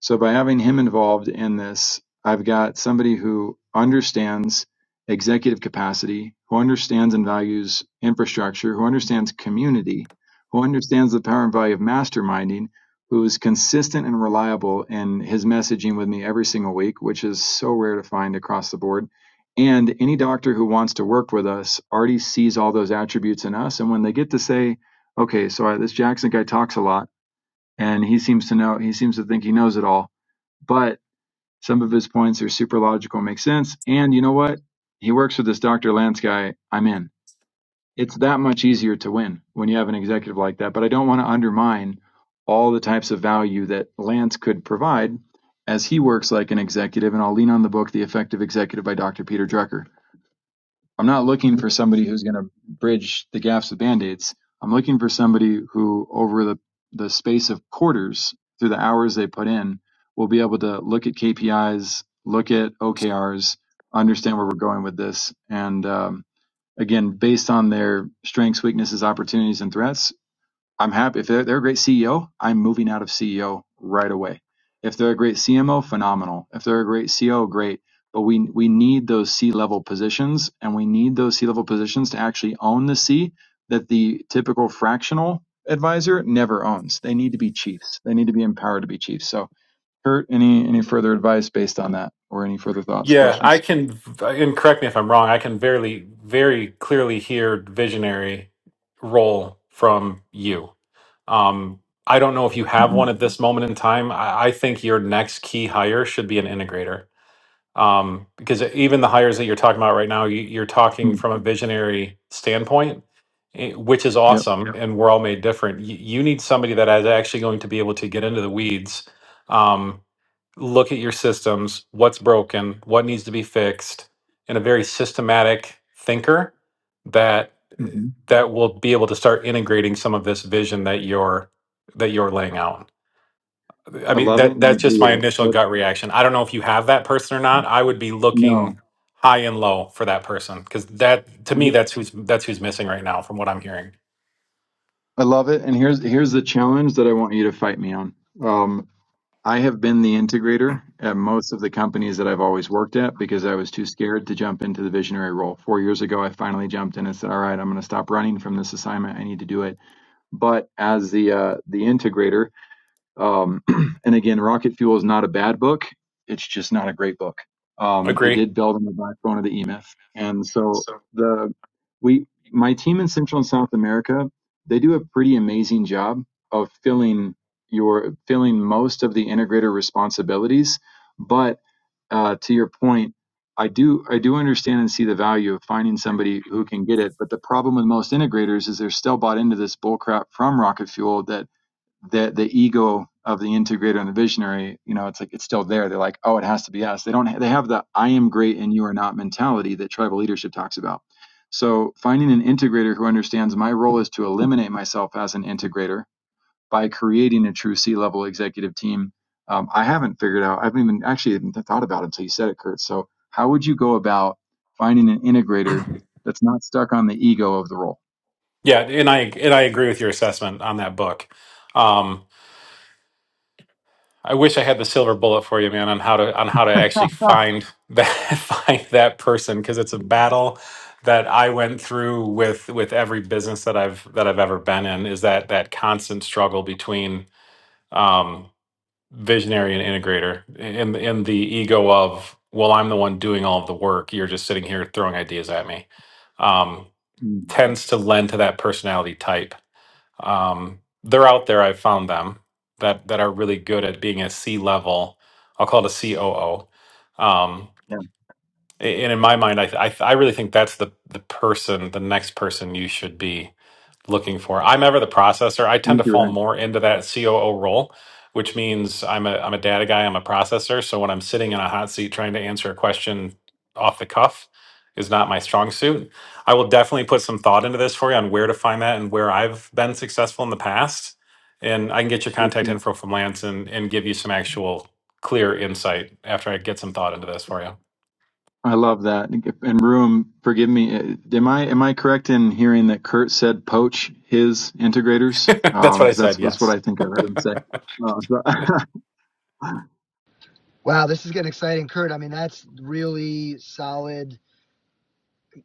[SPEAKER 4] So by having him involved in this, I've got somebody who understands executive capacity, who understands and values infrastructure, who understands community, who understands the power and value of masterminding, who is consistent and reliable in his messaging with me every single week, which is so rare to find across the board. And any doctor who wants to work with us already sees all those attributes in us. And when they get to say, okay, so I, this Jackson guy talks a lot and he seems to know, he seems to think he knows it all but some of his points are super logical, make sense. And you know what? He works with this Dr. Lance guy. I'm in. It's that much easier to win when you have an executive like that. But I don't want to undermine all the types of value that Lance could provide as he works like an executive. And I'll lean on the book, The Effective Executive by Dr. Peter Drucker. I'm not looking for somebody who's going to bridge the gaps with band-aids. I'm looking for somebody who, over the, the space of quarters, through the hours they put in, will be able to look at KPIs, look at OKRs, understand where we're going with this, and um, again, based on their strengths, weaknesses, opportunities, and threats, I'm happy if they're, they're a great CEO. I'm moving out of CEO right away. If they're a great CMO, phenomenal. If they're a great CO, great. But we we need those C level positions, and we need those C level positions to actually own the C that the typical fractional advisor never owns. They need to be chiefs. They need to be empowered to be chiefs. So, Kurt, any any further advice based on that, or any further thoughts,
[SPEAKER 7] Yeah, I
[SPEAKER 4] questions?
[SPEAKER 7] can, and correct me if I'm wrong, I can very, very clearly hear visionary role from you. Um, I don't know if you have one
[SPEAKER 4] hmm
[SPEAKER 7] at this moment in time. I, I think your next key hire should be an integrator. um, because even the hires that you're talking about right now, you, you're talking from a visionary standpoint, eh, which is
[SPEAKER 4] Yep,
[SPEAKER 7] awesome, Yep. and we're all made different. You, you need somebody that is actually going to be able to get into the weeds, um, look at your systems, what's broken, what needs to be fixed, and a very systematic thinker that eh,
[SPEAKER 4] hmm
[SPEAKER 7] that will be able to start integrating some of this vision that you're that you're laying out. I
[SPEAKER 4] I
[SPEAKER 7] mean
[SPEAKER 4] love it,
[SPEAKER 7] that
[SPEAKER 4] and I
[SPEAKER 7] that's
[SPEAKER 4] agree
[SPEAKER 7] just my
[SPEAKER 4] with it.
[SPEAKER 7] initial
[SPEAKER 4] But
[SPEAKER 7] gut reaction. I don't know if you have that person or not. I would be
[SPEAKER 4] no.
[SPEAKER 7] looking high and low for that person because that to me that's who's that's who's missing right now from what I'm hearing.
[SPEAKER 4] I love it. And here's here's the challenge that I want you to fight me on. Um, I have been the integrator at most of the companies that I've always worked at because I was too scared to jump into the visionary role. Four years ago, I finally jumped in and said, "All right, I'm going to stop running from this assignment. I need to do it." But as the uh, the integrator, um, and again, Rocket Fuel is not a bad book. It's just not a great book. Um, they
[SPEAKER 7] Agree.
[SPEAKER 4] did build on the backbone of the E Myth, and so the we my team in Central and South America they do a pretty amazing job of filling your filling most of the integrator responsibilities. But uh, to your point, I do I do understand and see the value of finding somebody who can get it. But the problem with most integrators is they're still bought into this bullcrap from Rocket Fuel that the the ego of the integrator and the visionary, you know, it's like it's still there. They're like, oh, it has to be us. They don't. They have the I am great and you are not mentality that tribal leadership talks about. So finding an integrator who understands my role is to eliminate myself as an integrator by creating a true C level executive team. Um, I haven't figured out. I haven't even actually even thought about it until you said it, Kurt. So how would you go about finding an integrator that's not stuck on the ego of the role?
[SPEAKER 7] Yeah, and I and I agree with your assessment on that book. Um, I wish I had the silver bullet for you, man, on how to on how to actually find that find that person because it's a battle that I went through with with every business that I've that I've ever been in is that that constant struggle between um, visionary and integrator in in the ego of well i'm the one doing all of the work you're just sitting here throwing ideas at me um,
[SPEAKER 4] Mm,
[SPEAKER 7] tends to lend to that personality type um, they're out there i've found them that that are really good at being a c level i'll call it a coo um,
[SPEAKER 4] yeah.
[SPEAKER 7] a- and in my mind I, I i really think that's the the person the next person you should be looking for. I'm ever the processor. I tend to
[SPEAKER 4] Thank you,
[SPEAKER 7] fall
[SPEAKER 4] Ryan.
[SPEAKER 7] more into that COO role, which means I'm a I'm a data guy. I'm a processor. So when I'm sitting in a hot seat trying to answer a question off the cuff is not my strong suit. I will definitely put some thought into this for you on where to find that and where I've been successful in the past. And I can get your
[SPEAKER 4] Thank
[SPEAKER 7] contact
[SPEAKER 4] you.
[SPEAKER 7] info from Lance and, and give you some actual clear insight after I get some thought into this for you.
[SPEAKER 4] I love that. And Ruum, forgive me. eh, Am I am I correct in hearing that Kurt said poach his integrators?
[SPEAKER 7] That's
[SPEAKER 4] Um,
[SPEAKER 7] what I
[SPEAKER 4] because that's
[SPEAKER 7] said.
[SPEAKER 4] that's what
[SPEAKER 7] Yes.
[SPEAKER 4] I think I heard him say. Uh, so,
[SPEAKER 1] Wow, this is getting exciting, Kurt. I mean, that's really solid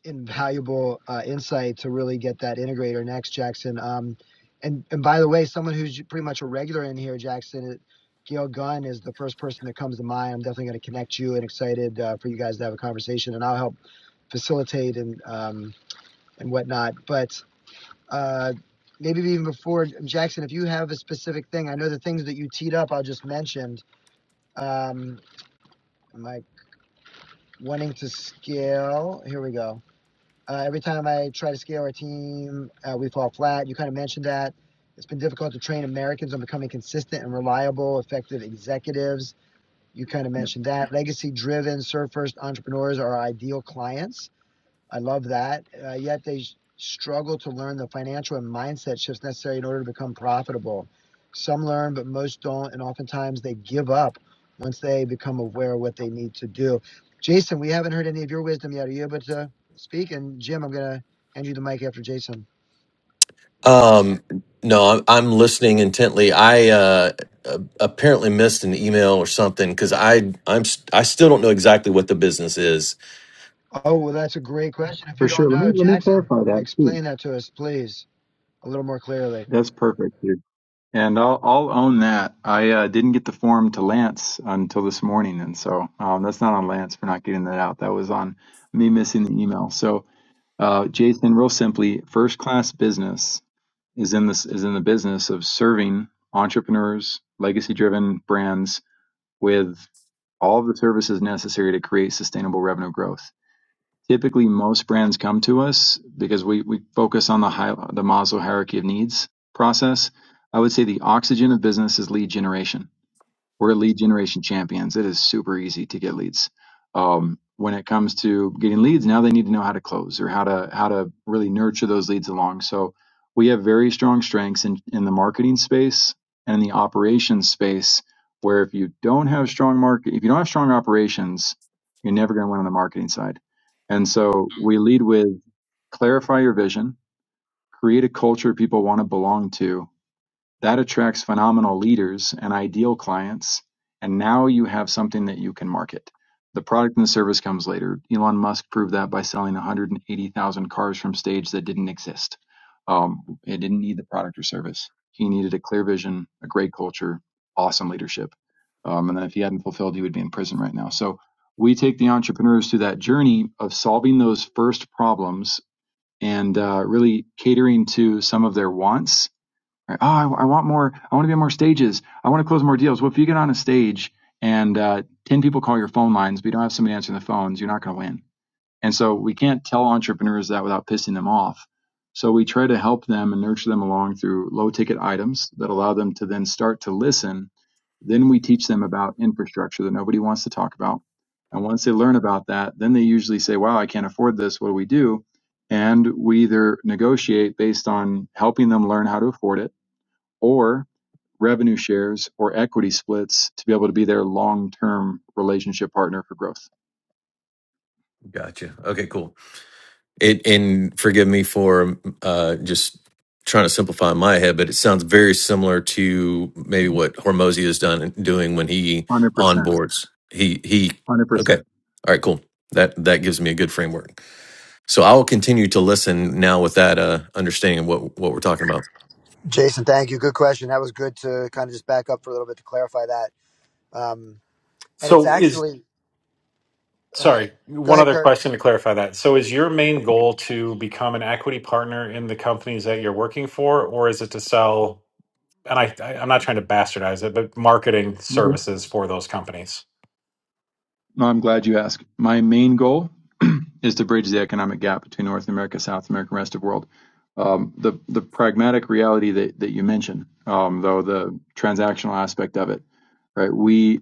[SPEAKER 1] and valuable uh, insight to really get that integrator next, Jackson. Um, and and by the way, someone who's pretty much a regular in here, Jackson, it- Gail Gunn is the first person that comes to mind. I'm definitely going to connect you and excited uh, for you guys to have a conversation, and I'll help facilitate and um, and whatnot. But uh, maybe even before Jackson, if you have a specific thing, I know the things that you teed up, I just mentioned. Um, am I wanting to scale? Here we go. Uh, every time I try to scale our team, uh, we fall flat. You kind of mentioned that. It's been difficult to train Americans on becoming consistent and reliable, effective executives. You kind of
[SPEAKER 4] yeah,
[SPEAKER 1] mentioned that. Legacy driven, serve first entrepreneurs are our ideal clients. I love that. Uh, yet they struggle to learn the financial and mindset shifts necessary in order to become profitable. Some learn, but most don't. And oftentimes they give up once they become aware of what they need to do. Jason, we haven't heard any of your wisdom yet. Are you able to speak? And Jim, I'm going to hand you the mic after Jason.
[SPEAKER 5] Um, no, I'm, I'm listening intently. I uh, uh, apparently missed an email or something because I I'm st- I still don't know exactly what the business is.
[SPEAKER 1] Oh, well, that's a great question. If you
[SPEAKER 4] for
[SPEAKER 1] don't
[SPEAKER 4] sure. Let
[SPEAKER 1] know,
[SPEAKER 4] me let me
[SPEAKER 1] Jackson,
[SPEAKER 4] clarify that too.
[SPEAKER 1] explain that to us, please, a little more clearly.
[SPEAKER 4] That's perfect, dude. And I'll I'll own that. I uh, didn't get the form to Lance until this morning, and so um, that's not on Lance for not getting that out. That was on me missing the email. So, uh, Jason, real simply, first class business. is in this is in the business of serving entrepreneurs, legacy-driven brands with all of the services necessary to create sustainable revenue growth. Typically, most brands come to us because we, we focus on the high, the Maslow hierarchy of needs process. I would say the oxygen of business is lead generation we're lead generation champions. It is super easy to get leads. Um, when it comes to getting leads, now they need to know how to close or how to how to really nurture those leads along. So we have very strong strengths in, in the marketing space and in the operations space, where if you don't have strong market, if you don't have strong operations, you're never going to win on the marketing side. And so we lead with clarify your vision, create a culture people want to belong to, that attracts phenomenal leaders and ideal clients, and now you have something that you can market. The product and the service comes later. Elon Musk proved that by selling 180,000 cars from stage that didn't exist. Um, it didn't need the product or service. He needed a clear vision, a great culture, awesome leadership. Um, and then if he hadn't fulfilled, he would be in prison right now. So we take the entrepreneurs through that journey of solving those first problems and uh, really catering to some of their wants right? Oh, I, I want more. I want to be on more stages. I want to close more deals. Well, if you get on a stage and uh, 10 people call your phone lines, but you don't have somebody answering the phones, you're not going to win. And so we can't tell entrepreneurs that without pissing them off. So we try to help them and nurture them along through low ticket items that allow them to then start to listen. Then we teach them about infrastructure that nobody wants to talk about. And once they learn about that, then they usually say, wow, I can't afford this. What do we do? And we either negotiate based on helping them learn how to afford it or revenue shares or equity splits to be able to be their long-term relationship partner for growth.
[SPEAKER 5] Gotcha. Okay, cool. It and forgive me for uh, just trying to simplify in my head, but it sounds very similar to maybe what Hormozy is done doing when he
[SPEAKER 4] one Hundred percent.
[SPEAKER 5] onboards. He he.
[SPEAKER 4] one Hundred percent.
[SPEAKER 5] Okay. All right. Cool. That that gives me a good framework. So I will continue to listen now with that uh, understanding of what what we're talking about.
[SPEAKER 1] Jason, thank you. Good question. That was good to kind of just back up for a little bit to clarify that. Um, and it's
[SPEAKER 7] So is
[SPEAKER 1] actually Um,
[SPEAKER 7] Sorry,
[SPEAKER 1] go
[SPEAKER 7] one
[SPEAKER 1] ahead,
[SPEAKER 7] other
[SPEAKER 1] Kirk.
[SPEAKER 7] question to clarify that. So, is your main goal to become an equity partner in the companies that you're working for, or is it to sell? And I, I I'm not trying to bastardize it, but marketing services for those companies.
[SPEAKER 4] No, I'm glad you asked. My main goal is to bridge the economic gap between North America, South America, and rest of the world. Um, the the pragmatic reality that, that you mentioned, um, though the transactional aspect of it, right? We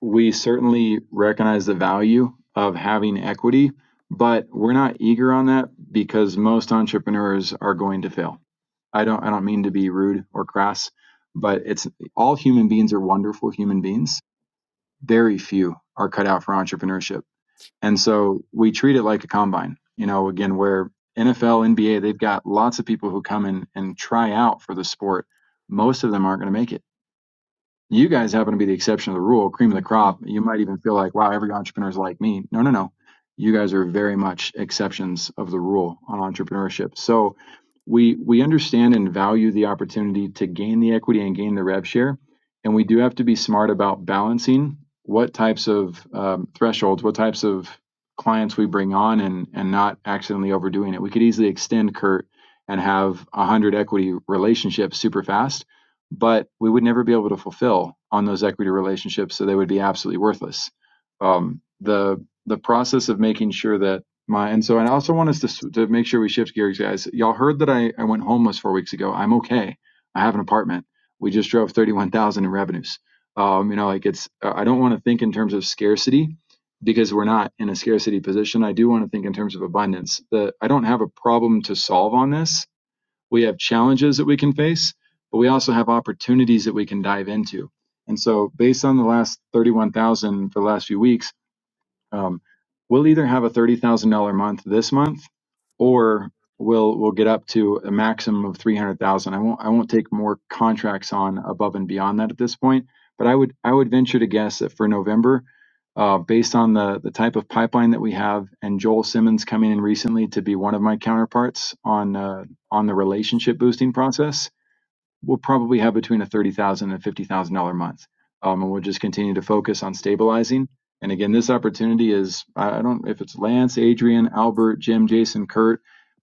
[SPEAKER 4] we certainly recognize the value of having equity, but we're not eager on that because most entrepreneurs are going to fail. I don't I don't mean to be rude or crass, but it's all human beings are wonderful human beings. Very few are cut out for entrepreneurship and so we treat it like a combine, you know, again, where NFL, NBA, they've got lots of people who come in and try out for the sport. Most of them aren't going to make it. You guys happen to be the exception of the rule, cream of the crop. You might even feel like, wow, every entrepreneur is like me. No, no, no. You guys are very much exceptions of the rule on entrepreneurship. So we we understand and value the opportunity to gain the equity and gain the rev share, and we do have to be smart about balancing what types of um, thresholds, what types of clients we bring on, and and not accidentally overdoing it. We could easily extend Kurt and have one hundred equity relationships super fast but we would never be able to fulfill on those equity relationships, so they would be absolutely worthless. Um, the the process of making sure that my and so I also want us to to make sure we shift gears, guys. Y'all heard that I I went homeless four weeks ago. I'm okay. I have an apartment. We just drove thirty one thousand in revenues. Um, you know, like it's uh, I don't want to think in terms of scarcity because we're not in a scarcity position. I do want to think in terms of abundance. The I don't have a problem to solve on this we have challenges that we can face, but we also have opportunities that we can dive into. And so, based on the last 31,000 for the last few weeks, um, we'll either have a thirty thousand dollar month this month, or we'll we'll get up to a maximum of three hundred thousand. I won't I won't take more contracts on above and beyond that at this point. But I would I would venture to guess that for November, uh, based on the the type of pipeline that we have, and Joel Simmons coming in recently to be one of my counterparts on uh, on the relationship boosting process we'll probably have between a $30,000 and $50,000 month. Um, and we'll just continue to focus on stabilizing. And again, this opportunity is I don't if it's Lance, Adrian, Albert, Jim, Jason, Kurt,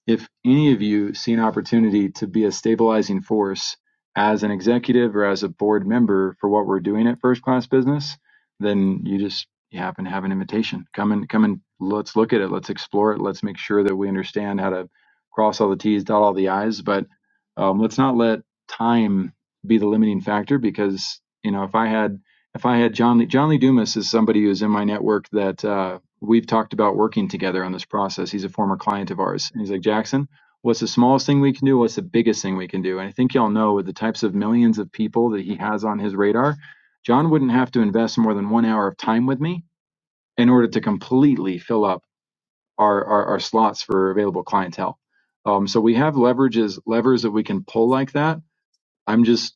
[SPEAKER 4] if any of you see an opportunity to be a stabilizing force as an executive or as a board member for what we're doing at First Class Business, then you just you happen to have an invitation. Come and come and let's look at it. Let's explore it. Let's make sure that we understand how to cross all the T's, dot all the I's. But um, let's not let time be the limiting factor because you know if I had if I had John Lee, John Lee Dumas is somebody who's in my network that uh, we've talked about working together on this process. He's a former client of ours, and he's like Jackson. What's the smallest thing we can do? What's the biggest thing we can do? And I think y'all know with the types of millions of people that he has on his radar, John wouldn't have to invest more than one hour of time with me in order to completely fill up our our, our slots for available clientele. Um, so we have leverages levers that we can pull like that. I'm just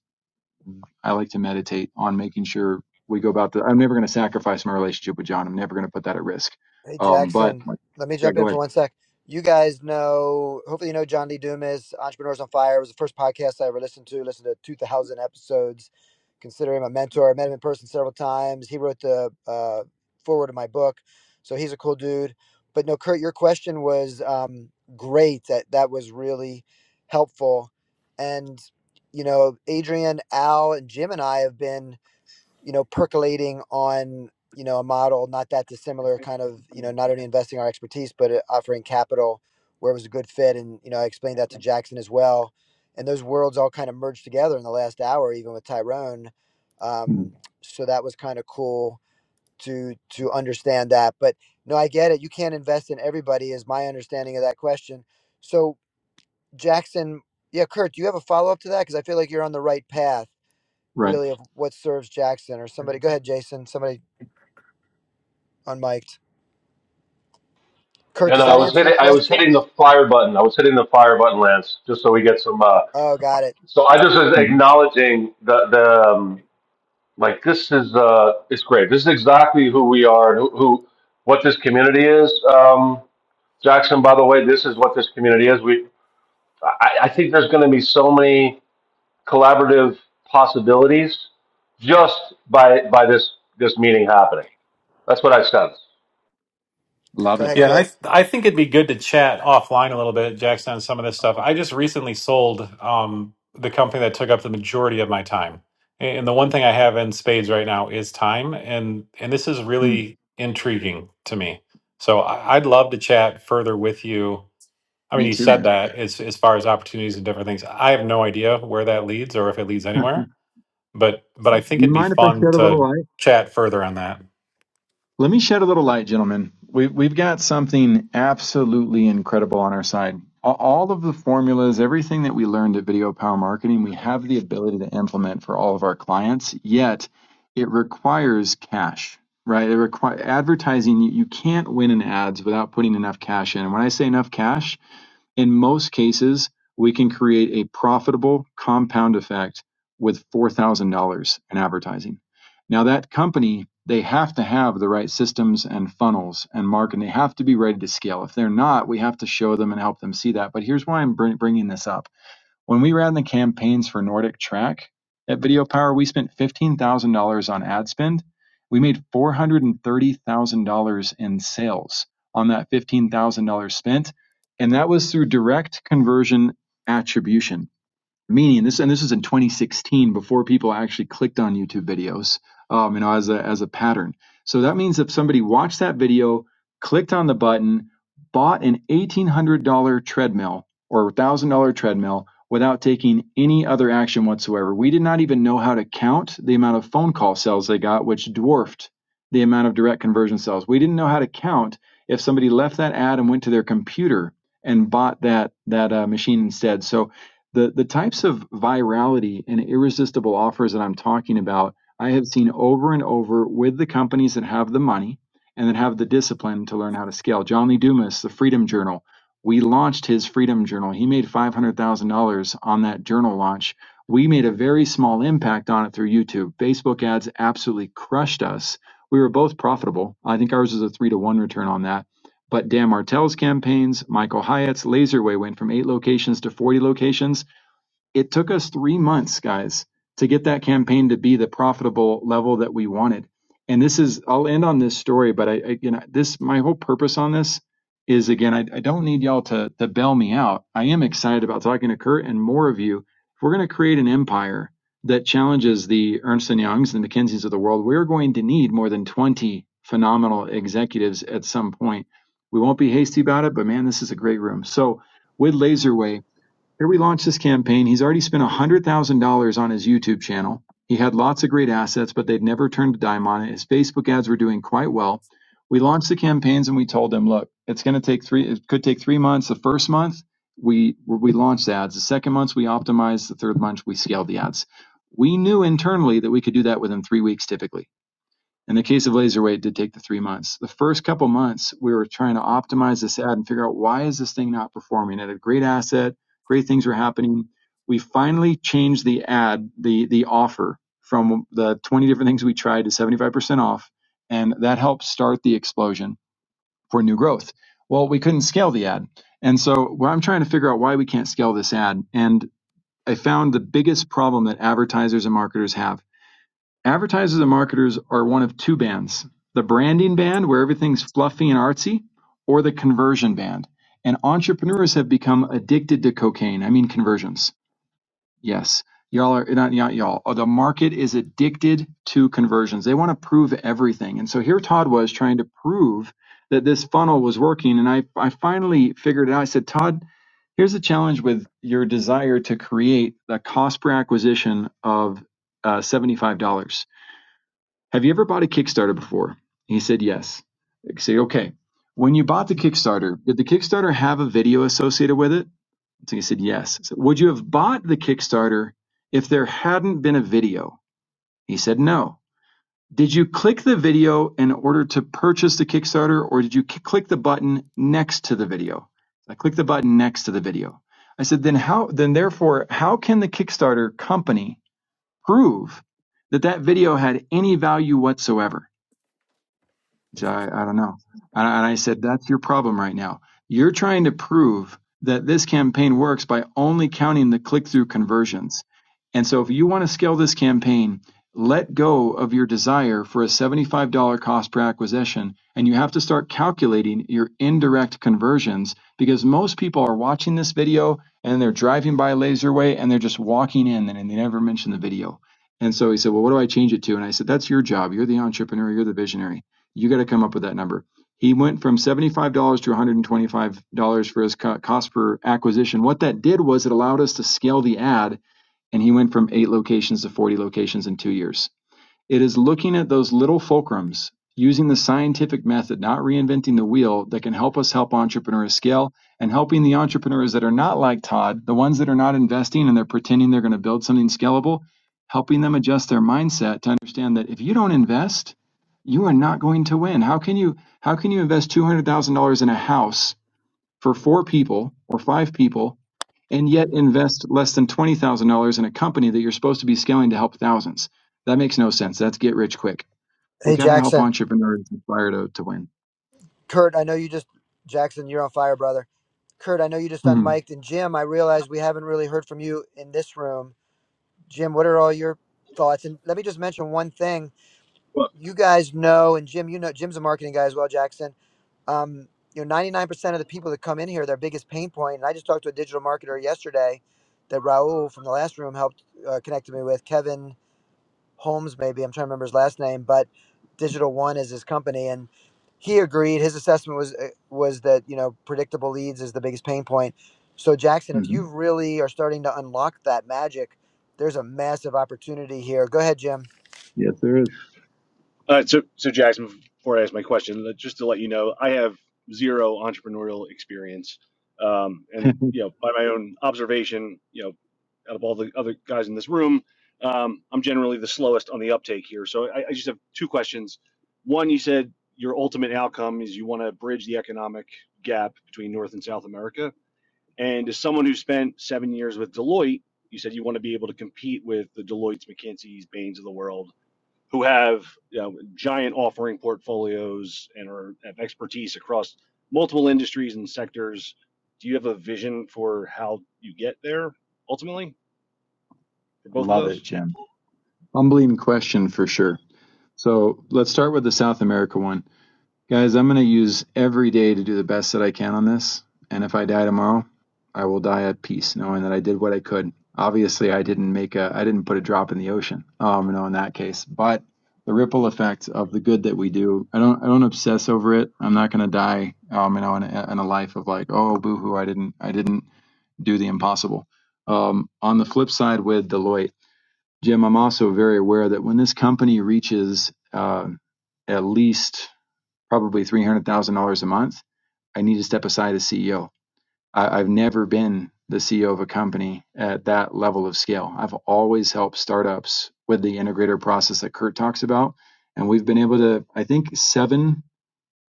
[SPEAKER 4] I like to meditate on making sure we go about the. I'm never going to sacrifice my relationship with John. I'm never going to put that at risk.
[SPEAKER 1] Hey,
[SPEAKER 4] Um, but
[SPEAKER 1] Jackson. Let me
[SPEAKER 4] yeah,
[SPEAKER 1] jump in
[SPEAKER 4] go
[SPEAKER 1] for
[SPEAKER 4] ahead.
[SPEAKER 1] one sec. You guys know, hopefully, you know John D. Dumas, Entrepreneurs on Fire. It was the first podcast I ever listened to. Listened to 2,000 episodes. Consider him a mentor. I met him in person several times. He wrote the uh, forward of my book, so he's a cool dude. But no, Kurt, your question was um, great. That that was really helpful, and you know, Adrian, Al, and Jim and I have been you know, percolating on, you know, a model not that dissimilar, kind of, you know, not only investing our expertise, but uh, offering capital where it was a good fit. And, you know, I explained that to Jackson as well. And those worlds all kind of merged together in the last hour, even with Tyrone. Um,
[SPEAKER 4] Mhm.
[SPEAKER 1] so that was kind of cool to to understand that. But no, I get it. You can't invest in everybody, is my understanding of that question. So Jackson, yeah, Kurt, do you have a follow up to that? Because I feel like you're on the right path
[SPEAKER 4] Right.
[SPEAKER 1] really of what serves Jackson or somebody. Go ahead, Jason. Somebody unmiked. Kurt,
[SPEAKER 3] And
[SPEAKER 1] does
[SPEAKER 3] I
[SPEAKER 1] that
[SPEAKER 3] was
[SPEAKER 1] answer your
[SPEAKER 3] hitting I was hitting
[SPEAKER 1] question?
[SPEAKER 3] the fire button. I was hitting the fire button, Lance, just so we get some. Uh,
[SPEAKER 1] Oh, got it.
[SPEAKER 3] so I just was
[SPEAKER 4] Mhm.
[SPEAKER 3] acknowledging the the um, like this is uh it's great. This is exactly who we are and who, who what this community is. Um, Jackson, by the way, this is what this community is. We I, I think there's going to be so many collaborative possibilities just by by this this meeting happening. That's what I sense.
[SPEAKER 4] Love
[SPEAKER 1] Go
[SPEAKER 4] it.
[SPEAKER 1] ahead,
[SPEAKER 7] Yeah, and
[SPEAKER 1] Kurt.
[SPEAKER 7] I I think it'd be good to chat offline a little bit, Jackson, on some of this stuff. I just recently sold um, the company that took up the majority of my time, and the one thing I have in spades right now is time, and and this is
[SPEAKER 4] Mm.
[SPEAKER 7] really intriguing to me. So I, I'd love to chat further with you I mean,
[SPEAKER 4] Me
[SPEAKER 7] you
[SPEAKER 4] too,
[SPEAKER 7] said
[SPEAKER 4] man.
[SPEAKER 7] that as as far as opportunities and different things. I have no idea where that leads or if it leads anywhere, but but I think
[SPEAKER 4] Do you
[SPEAKER 7] it'd be
[SPEAKER 4] mind if I
[SPEAKER 7] fun
[SPEAKER 4] shed a little
[SPEAKER 7] to
[SPEAKER 4] light?
[SPEAKER 7] chat further on that.
[SPEAKER 4] Let me shed a little light, gentlemen. We, we've got something absolutely incredible on our side. All of the formulas, everything that we learned at Video Power Marketing, we have the ability to implement for all of our clients, yet it requires cash, right? It requires advertising. you can't win in ads without putting enough cash in. And when I say enough cash, in most cases, we can create a profitable compound effect with $4,000 in advertising. Now, that company, they have to have the right systems and funnels and marketing. They have to be ready to scale. If they're not, we have to show them and help them see that. But here's why I'm bringing this up when we ran the campaigns for Nordic Track at Video Power, we spent $15,000 on ad spend. We made $430,000 in sales on that $15,000 spent. And that was through direct conversion attribution meaning this and this is in 2016 before people actually clicked on youtube videos um, you know as a as a pattern so that means if somebody watched that video clicked on the button bought an $1800 treadmill or $1000 treadmill without taking any other action whatsoever we did not even know how to count the amount of phone call sales they got which dwarfed the amount of direct conversion sales we didn't know how to count if somebody left that ad and went to their computer and bought that that uh, machine instead so the the types of virality and irresistible offers that I'm talking about, I have seen over and over with the companies that have the money and that have the discipline to learn how to scale. John Lee Dumas, the Freedom Journal, we launched his Freedom Journal. He made five hundred thousand dollars on that journal launch. We made a very small impact on it through YouTube. Facebook ads absolutely crushed us. We were both profitable. I think ours was a three to one return on that. But Dan Martell's campaigns, Michael Hyatt's Laserway went from eight locations to 40 locations it took us three months, guys, to get that campaign to be the profitable level that we wanted. And this is, I'll end on this story, but I, again, this, my whole purpose on this is again, I, I don't need y'all to, to bail me out. I am excited about talking to Kurt and more of you. If we're going to create an empire that challenges the Ernst and Youngs and the McKinseys of the world, we're going to need more than 20 phenomenal executives at some point. We won't be hasty about it, but man, this is a great room. So with Laserwave here we launched this campaign. He's already spent $100,000 on his YouTube channel. He had lots of great assets, but they'd never turned a dime on it. His Facebook ads were doing quite well. We launched the campaigns and we told him, look, it's going to take three, it could take three months. The first month, we, we launched the ads. The second month, we optimized. The third month, we scaled the ads. We knew internally that we could do that within three weeks typically. In the case of Laserweight, it did take the three months. The first couple months, we were trying to optimize this ad and figure out why is this thing not performing. It had a great asset, great things were happening. We finally changed the ad, the the offer from the 20 different things we tried to 75% off, and that helped start the explosion for new growth. Well, we couldn't scale the ad, and so well, I'm trying to figure out why we can't scale this ad. And I found the biggest problem that advertisers and marketers have Advertisers and marketers are one of two bands: the branding band, where everything's fluffy and artsy, or the conversion band. And entrepreneurs have become addicted to cocaine. I mean conversions. Yes, y'all are not, not y'all. Oh, the market is addicted to conversions. They want to prove everything. And so here Todd was trying to prove that this funnel was working. And I, I finally figured it out. I said, Todd, here's the challenge with your desire to create the cost per acquisition of uh, $75 have you ever bought a Kickstarter before? He said, yes. I say, okay. When you bought the Kickstarter, did the Kickstarter have a video associated with it? So he said, yes. I said, Would you have bought the Kickstarter if there hadn't been a video? He said, no. Did you click the video in order to purchase the Kickstarter or did you c- click the button next to the video? I clicked the button next to the video. I said, then how, then therefore, how can the Kickstarter company prove that that video had any value whatsoever? Jai, I I don't know. And I and I said, that's your problem right now. You're trying to prove that this campaign works by only counting the click through conversions. And so if you want to scale this campaign, let go of your desire for a $75 cost per acquisition. And you have to start calculating your indirect conversions because most people are watching this video and they're driving by Laserway and they're just walking in and they never mention the video. And so he said, Well, what do I change it to? And I said, That's your job. You're the entrepreneur, you're the visionary you got to come up with that number. He went from $75 to $125 for his cost per acquisition. What that did was it allowed us to scale the ad, and he went from eight locations to 40 locations in two years. It is looking at those little fulcrums using the scientific method, not reinventing the wheel, that can help us help entrepreneurs scale and helping the entrepreneurs that are not like Todd, the ones that are not investing and they're pretending they're going to build something scalable, helping them adjust their mindset to understand that if you don't invest, you are not going to win. How can you how can you invest $200,000 in a house for four people or five people and yet invest less than $20,000 in a company that you're supposed to be scaling to help thousands. That makes no sense. That's get rich quick. We
[SPEAKER 1] Hey,
[SPEAKER 4] got to help
[SPEAKER 1] Jackson.
[SPEAKER 4] entrepreneurs inspire to, to win.
[SPEAKER 1] Kurt, I know you just Jackson, you're on fire, brother. Kurt, I know you just
[SPEAKER 4] hmm
[SPEAKER 1] unmiked. And Jim, I realize we haven't really heard from you in this room. Jim, what are all your thoughts? And let me just mention one thing
[SPEAKER 8] Well,
[SPEAKER 1] you guys know, and Jim, you know, Jim's a marketing guy as well, Jackson. Um, you know, 99% of the people that come in here, their biggest pain point, and I just talked to a digital marketer yesterday that Raul from the last room helped uh, connect me with, Kevin Holmes, maybe, I'm trying to remember his last name, but Digital One is his company. And he agreed, his assessment was, uh, was that, you know, predictable leads is the biggest pain point. So Jackson, if
[SPEAKER 4] hmm
[SPEAKER 1] you really are starting to unlock that magic, there's a massive opportunity here. Go ahead, Jim.
[SPEAKER 4] Yes, there is.
[SPEAKER 8] uh, so, so Jackson, before I ask my question, just to let you know, I have zero entrepreneurial experience. Um,
[SPEAKER 4] I
[SPEAKER 8] and, you know, by my own observation, you know, out of all the other guys in this room, um, I'm generally the slowest on the uptake here. So I, I just have two questions. One, you said your ultimate outcome is you want to bridge the economic gap between North and South America. And as someone who spent seven years with Deloitte, you said you want to be able to compete with the Deloitte's, McKinsey's, Bain's of the world who have you know, giant offering portfolios and are, have expertise across multiple industries and sectors. Do you have a vision for how you get there ultimately for both of
[SPEAKER 4] love
[SPEAKER 8] those?
[SPEAKER 4] it, Jim. Humbling question for sure. So let's start with the South America one. Guys, I'm going to use every day to do the best that I can on this. And if I die tomorrow, I will die at peace, knowing that I did what I could. Obviously, I didn't make a, I didn't put a drop in the ocean. Um, no, in that case, but the ripple effect of the good that we do, I don't, I don't obsess over it. I'm not going to die, um, you know, in a, in a life of like, oh, boohoo, I didn't, I didn't do the impossible. Um, on the flip side, with Deloitte, Jim, I'm also very aware that when this company reaches uh, at least probably three hundred thousand dollars a month, I need to step aside as CEO. I, have never been the CEO of a company at that level of scale. I've always helped startups with the integrator process that Kurt talks about, and we've been able to, I think, seven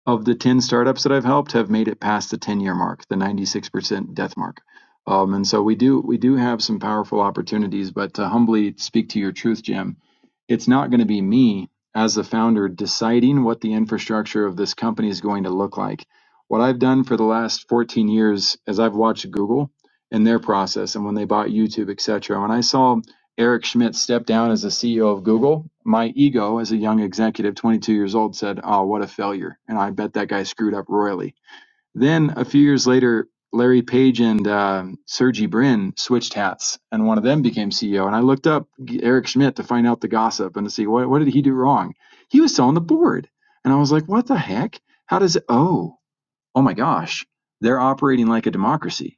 [SPEAKER 4] of the 10 startups that I've helped have made it past the 10-year mark, the 96% death mark. Um, and so we do we do have some powerful opportunities, but to humbly speak to your truth, Jim, it's not going to be me as the founder deciding what the infrastructure of this company is going to look like. What I've done for the last 14 years is I've watched Google and their process and when they bought YouTube, et cetera. When I saw Eric Schmidt stepped down as the CEO of Google, my ego as a young executive, 22 years old, said, Oh, what a failure. And I bet that guy screwed up royally. Then a few years later, Larry Page and um Sergey Brin switched hats, and one of them became CEO. And I looked up Eric Schmidt to find out the gossip and to see what, what did he do wrong. He was still on the board. And I was like, What the heck? How does it? Oh oh my gosh, they're operating like a democracy.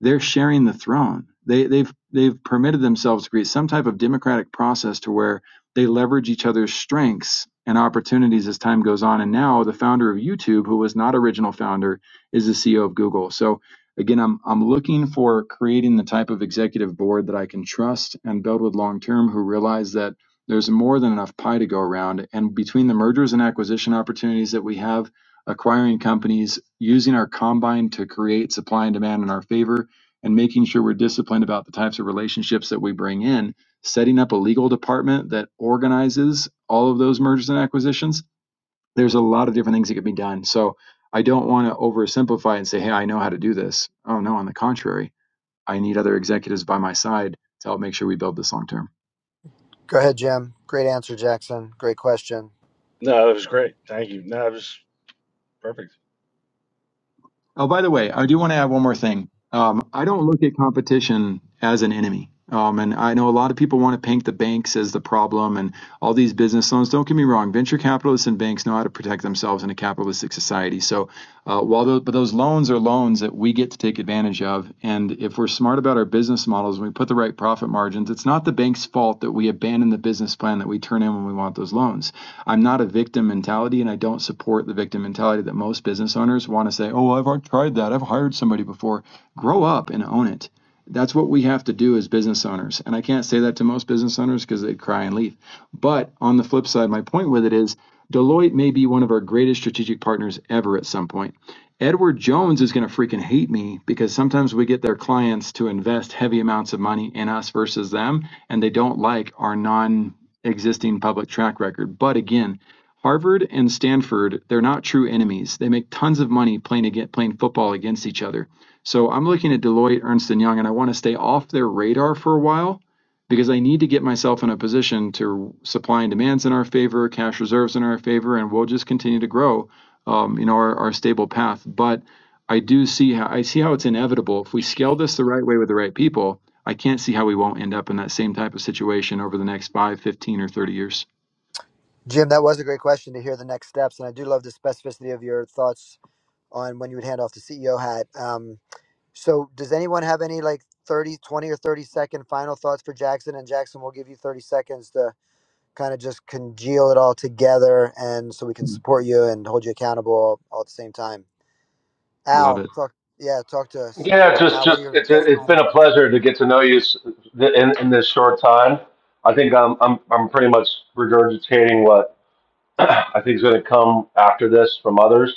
[SPEAKER 4] They're sharing the throne. They, they've they've permitted themselves to create some type of democratic process to where they leverage each other's strengths and opportunities as time goes on. And now the founder of YouTube, who was not original founder, is the CEO of Google. So again, I'm I'm looking for creating the type of executive board that I can trust and build with long term, who realize that there's more than enough pie to go around. And between the mergers and acquisition opportunities that we have acquiring companies, using our combine to create supply and demand in our favor, and making sure we're disciplined about the types of relationships that we bring in, setting up a legal department that organizes all of those mergers and acquisitions. There's a lot of different things that can be done. So I don't want to oversimplify and say, hey, I know how to do this. Oh, no, on the contrary, I need other executives by my side to help make sure we build this long term.
[SPEAKER 1] Go ahead, Jim. Great answer, Jackson. Great question.
[SPEAKER 8] No, that was great. Thank you. No, that was perfect.
[SPEAKER 4] Oh, by the way, I do want to add one more thing. Um, I don't look at competition as an enemy. Um, and I know a lot of people want to paint the banks as the problem and all these business loans. Don't get me wrong, venture capitalists and banks know how to protect themselves in a capitalistic society. So, uh, while those, but those loans are loans that we get to take advantage of, and if we're smart about our business models and we put the right profit margins, it's not the bank's fault that we abandon the business plan that we turn in when we want those loans I'm not a victim mentality, and I don't support the victim mentality that most business owners want to say, "Oh, I've already tried that. I've hired somebody before." Grow up and own it. That's what we have to do as business owners. And I can't say that to most business owners because they'd cry and leave. But on the flip side, my point with it is Deloitte may be one of our greatest strategic partners ever at some point. Edward Jones is going to freaking hate me because sometimes we get their clients to invest heavy amounts of money in us versus them, and they don't like our non existing public track record. But again, Harvard and Stanford, they're not true enemies. They make tons of money playing against, playing football against each other. So I'm looking at Deloitte, Ernst and Young, and I want to stay off their radar for a while because I need to get myself in a position to supply and demands in our favor, cash reserves in our favor, and we'll just continue to grow, um, you know, our, our stable path. But I do see how I see how it's inevitable if we scale this the right way with the right people I can't see how we won't end up in that same type of situation over the next five, fifteen, or 30 years.
[SPEAKER 1] Jim, that was a great question to hear the next steps. And I do love the specificity of your thoughts on when you would hand off the CEO hat. Um, so, does anyone have any like 30, 20, or 30 second final thoughts for Jackson? And Jackson, we'll give you 30 seconds to kind of just congeal it all together and so we can
[SPEAKER 4] Mm.
[SPEAKER 1] support you and hold you accountable all, all at the same time.
[SPEAKER 4] I love
[SPEAKER 1] Al,
[SPEAKER 4] it.
[SPEAKER 1] talk, yeah, talk to us.
[SPEAKER 3] Yeah, just
[SPEAKER 1] Al, what are
[SPEAKER 3] just
[SPEAKER 1] your
[SPEAKER 3] it's a,
[SPEAKER 1] best
[SPEAKER 3] it's
[SPEAKER 1] final
[SPEAKER 3] been a
[SPEAKER 1] thoughts?
[SPEAKER 3] pleasure to get to know you s- in in this short time. I think I'm I'm I'm pretty much regurgitating what I think is going to come after this from others.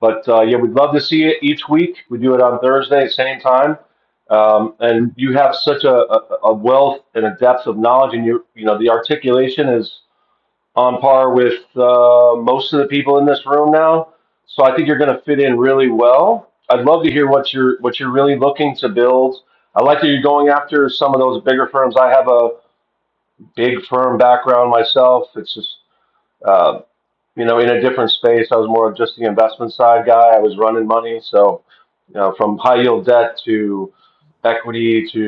[SPEAKER 3] But uh, yeah, we'd love to see it each week. We do it on Thursday, same time. Um, and
[SPEAKER 4] Mm.
[SPEAKER 3] you have such a, a, a wealth and a depth of knowledge, and you you know the articulation is on par with uh, most of the people in this room now. So I think you're going to fit in really well. I'd love to hear what you're what you're really looking to build. I like that you're going after some of those bigger firms. I have a big firm background myself. It's just uh, you know in a different space. I was more of just the investment side guy. I was running money, so you know from high yield debt to equity to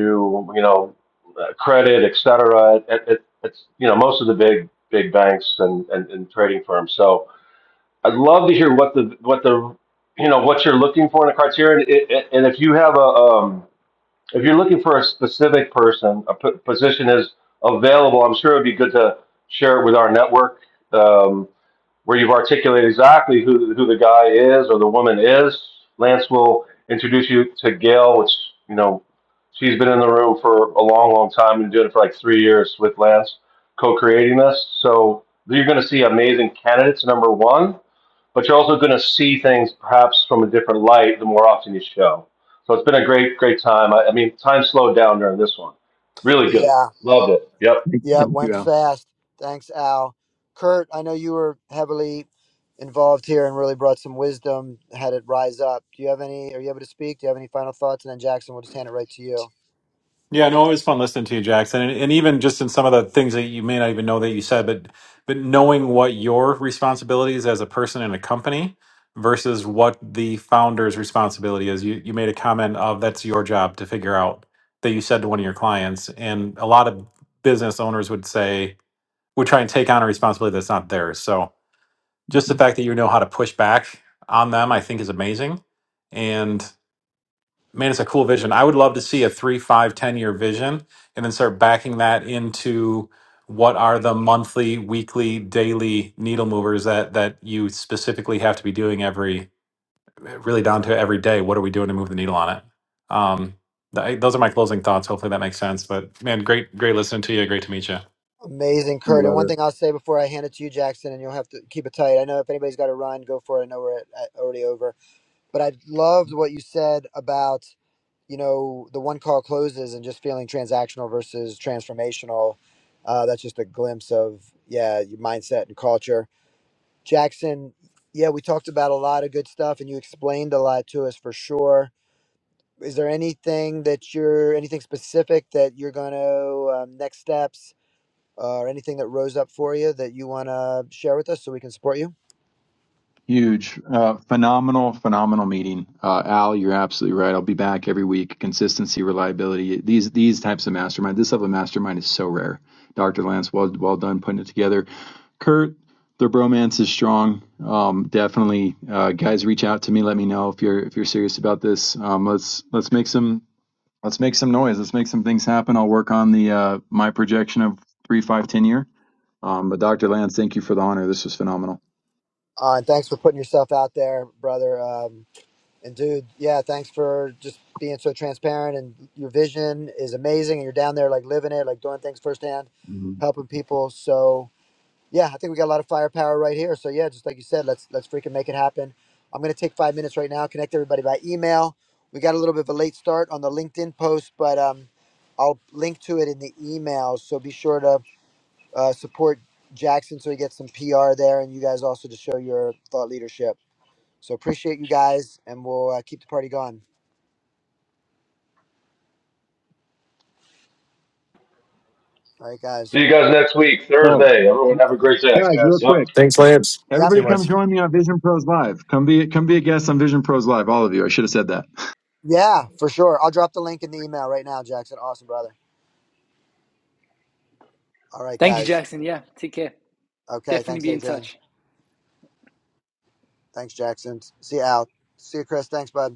[SPEAKER 3] you know uh, credit, et cetera. It, it, it, it's you know most of the big big banks and, and, and trading firms. So I'd love to hear what the what the you know what you're looking for in a criteria, and, i- and if you have a um, if you're looking for a specific person, a p- position is available. I'm sure it'd be good to share it with our network. Um, where you've articulated exactly who, who the guy is or the woman is. Lance will introduce you to Gail, which, you know, she's been in the room for a long, long time and doing it for like three years with Lance, co creating this. So you're going to see amazing candidates, number one, but you're also going to see things perhaps from a different light the more often you show. So it's been a great, great time. I, I mean, time slowed down during this one. Really good.
[SPEAKER 1] Yeah.
[SPEAKER 3] Loved it. Yep.
[SPEAKER 4] Thank
[SPEAKER 1] Yeah, it
[SPEAKER 4] you,
[SPEAKER 1] went
[SPEAKER 4] Al.
[SPEAKER 1] fast. Thanks, Al. Kurt, I know you were heavily involved here and really brought some wisdom, had it rise up. Do you have any, are you able to speak? Do you have any final thoughts? And then Jackson, we'll just hand it right to you.
[SPEAKER 7] Yeah, no, it was fun listening to you, Jackson, and, and even just in some of the things that you may not even know that you said, but but knowing what your responsibilities as a person in a company versus what the founder's responsibility is. You you made a comment of that's your job to figure out that you said to one of your clients, and a lot of business owners would say would try and take on a responsibility that's not theirs. So just the
[SPEAKER 4] Mhm.
[SPEAKER 7] fact that you know how to push back on them, I think, is amazing, Man, it's a cool vision. I would love to see a three, five, ten year vision and then start backing that into what are the monthly, weekly, daily needle movers that that you specifically have to be doing every really down to every day. What are we doing to move the needle on it? Um, th- those are my closing thoughts. Hopefully that makes sense. But man, great, great listening to you. Great to meet you.
[SPEAKER 1] Amazing,
[SPEAKER 4] I
[SPEAKER 1] Kurt. And
[SPEAKER 4] love
[SPEAKER 1] one
[SPEAKER 4] it.
[SPEAKER 1] thing I'll say before I hand it to you, Jackson, and you'll have to keep it tight. I know if anybody's got to run, go for it. I know we're at, at- already over. But I loved what you said about, you know, the one call closes and just feeling transactional versus transformational. Uh, that's just a glimpse of, yeah, your mindset and culture Jackson, yeah, we talked about a lot of good stuff and you explained a lot to us for sure. Is there anything that you're, anything specific that you're going to, um, next steps uh, or anything that rose up for you that you want to share with us so we can support you?
[SPEAKER 4] Huge, uh, phenomenal, phenomenal meeting, uh, Al. You're absolutely right. I'll be back every week. Consistency, reliability. These these types of mastermind. This level of mastermind is so rare. Dr. Lance, well well done putting it together. Kurt, the bromance is strong. Um, definitely, uh, guys, reach out to me. Let me know if you're if you're serious about this. Um, let's let's make some Let's make some noise. Let's make some things happen. I'll work on the uh, my projection of three, five, ten year. Um, but Dr. Lance, thank you for the honor. This was phenomenal.
[SPEAKER 1] Uh, and thanks for putting yourself out there, brother. Um, and dude, yeah, thanks for just being so transparent and your vision is amazing and you're down there like living it, like doing things firsthand,
[SPEAKER 4] Mhm.
[SPEAKER 1] helping people. So, Yeah, I think we got a lot of firepower right here. So yeah, just like you said, let's let's freaking make it happen. I'm gonna take five minutes right now, connect everybody by email. We got a little bit of a late start on the LinkedIn post, but um, I'll link to it in the email. So be sure to uh, support Jackson so he gets some PR there, and you guys also to show your thought leadership. So appreciate you guys, and we'll uh, keep the party going. All right,
[SPEAKER 3] See
[SPEAKER 1] guys.
[SPEAKER 3] you guys next week,
[SPEAKER 4] Oh,
[SPEAKER 3] Thursday. Everyone have a
[SPEAKER 1] Okay.
[SPEAKER 3] great day.
[SPEAKER 8] Thanks,
[SPEAKER 4] guys, real
[SPEAKER 8] guys.
[SPEAKER 3] Yep.
[SPEAKER 4] quick,
[SPEAKER 5] Thanks, Lance.
[SPEAKER 1] Yep.
[SPEAKER 4] everybody, come join me on Vision Pros Live. Come be come be a guest on Vision Pros Live. All of you. I should have said that.
[SPEAKER 1] Yeah, for sure. I'll drop the link in the email right now, Jackson. Awesome, brother. All right,
[SPEAKER 2] Thank you,
[SPEAKER 1] guys.
[SPEAKER 2] Jackson. Yeah, take care.
[SPEAKER 1] Okay,
[SPEAKER 2] Definitely
[SPEAKER 1] thanks,
[SPEAKER 2] be in
[SPEAKER 1] Adrian.
[SPEAKER 2] touch.
[SPEAKER 1] Thanks, Jackson. See you, Al. See you, Chris. Thanks, bud.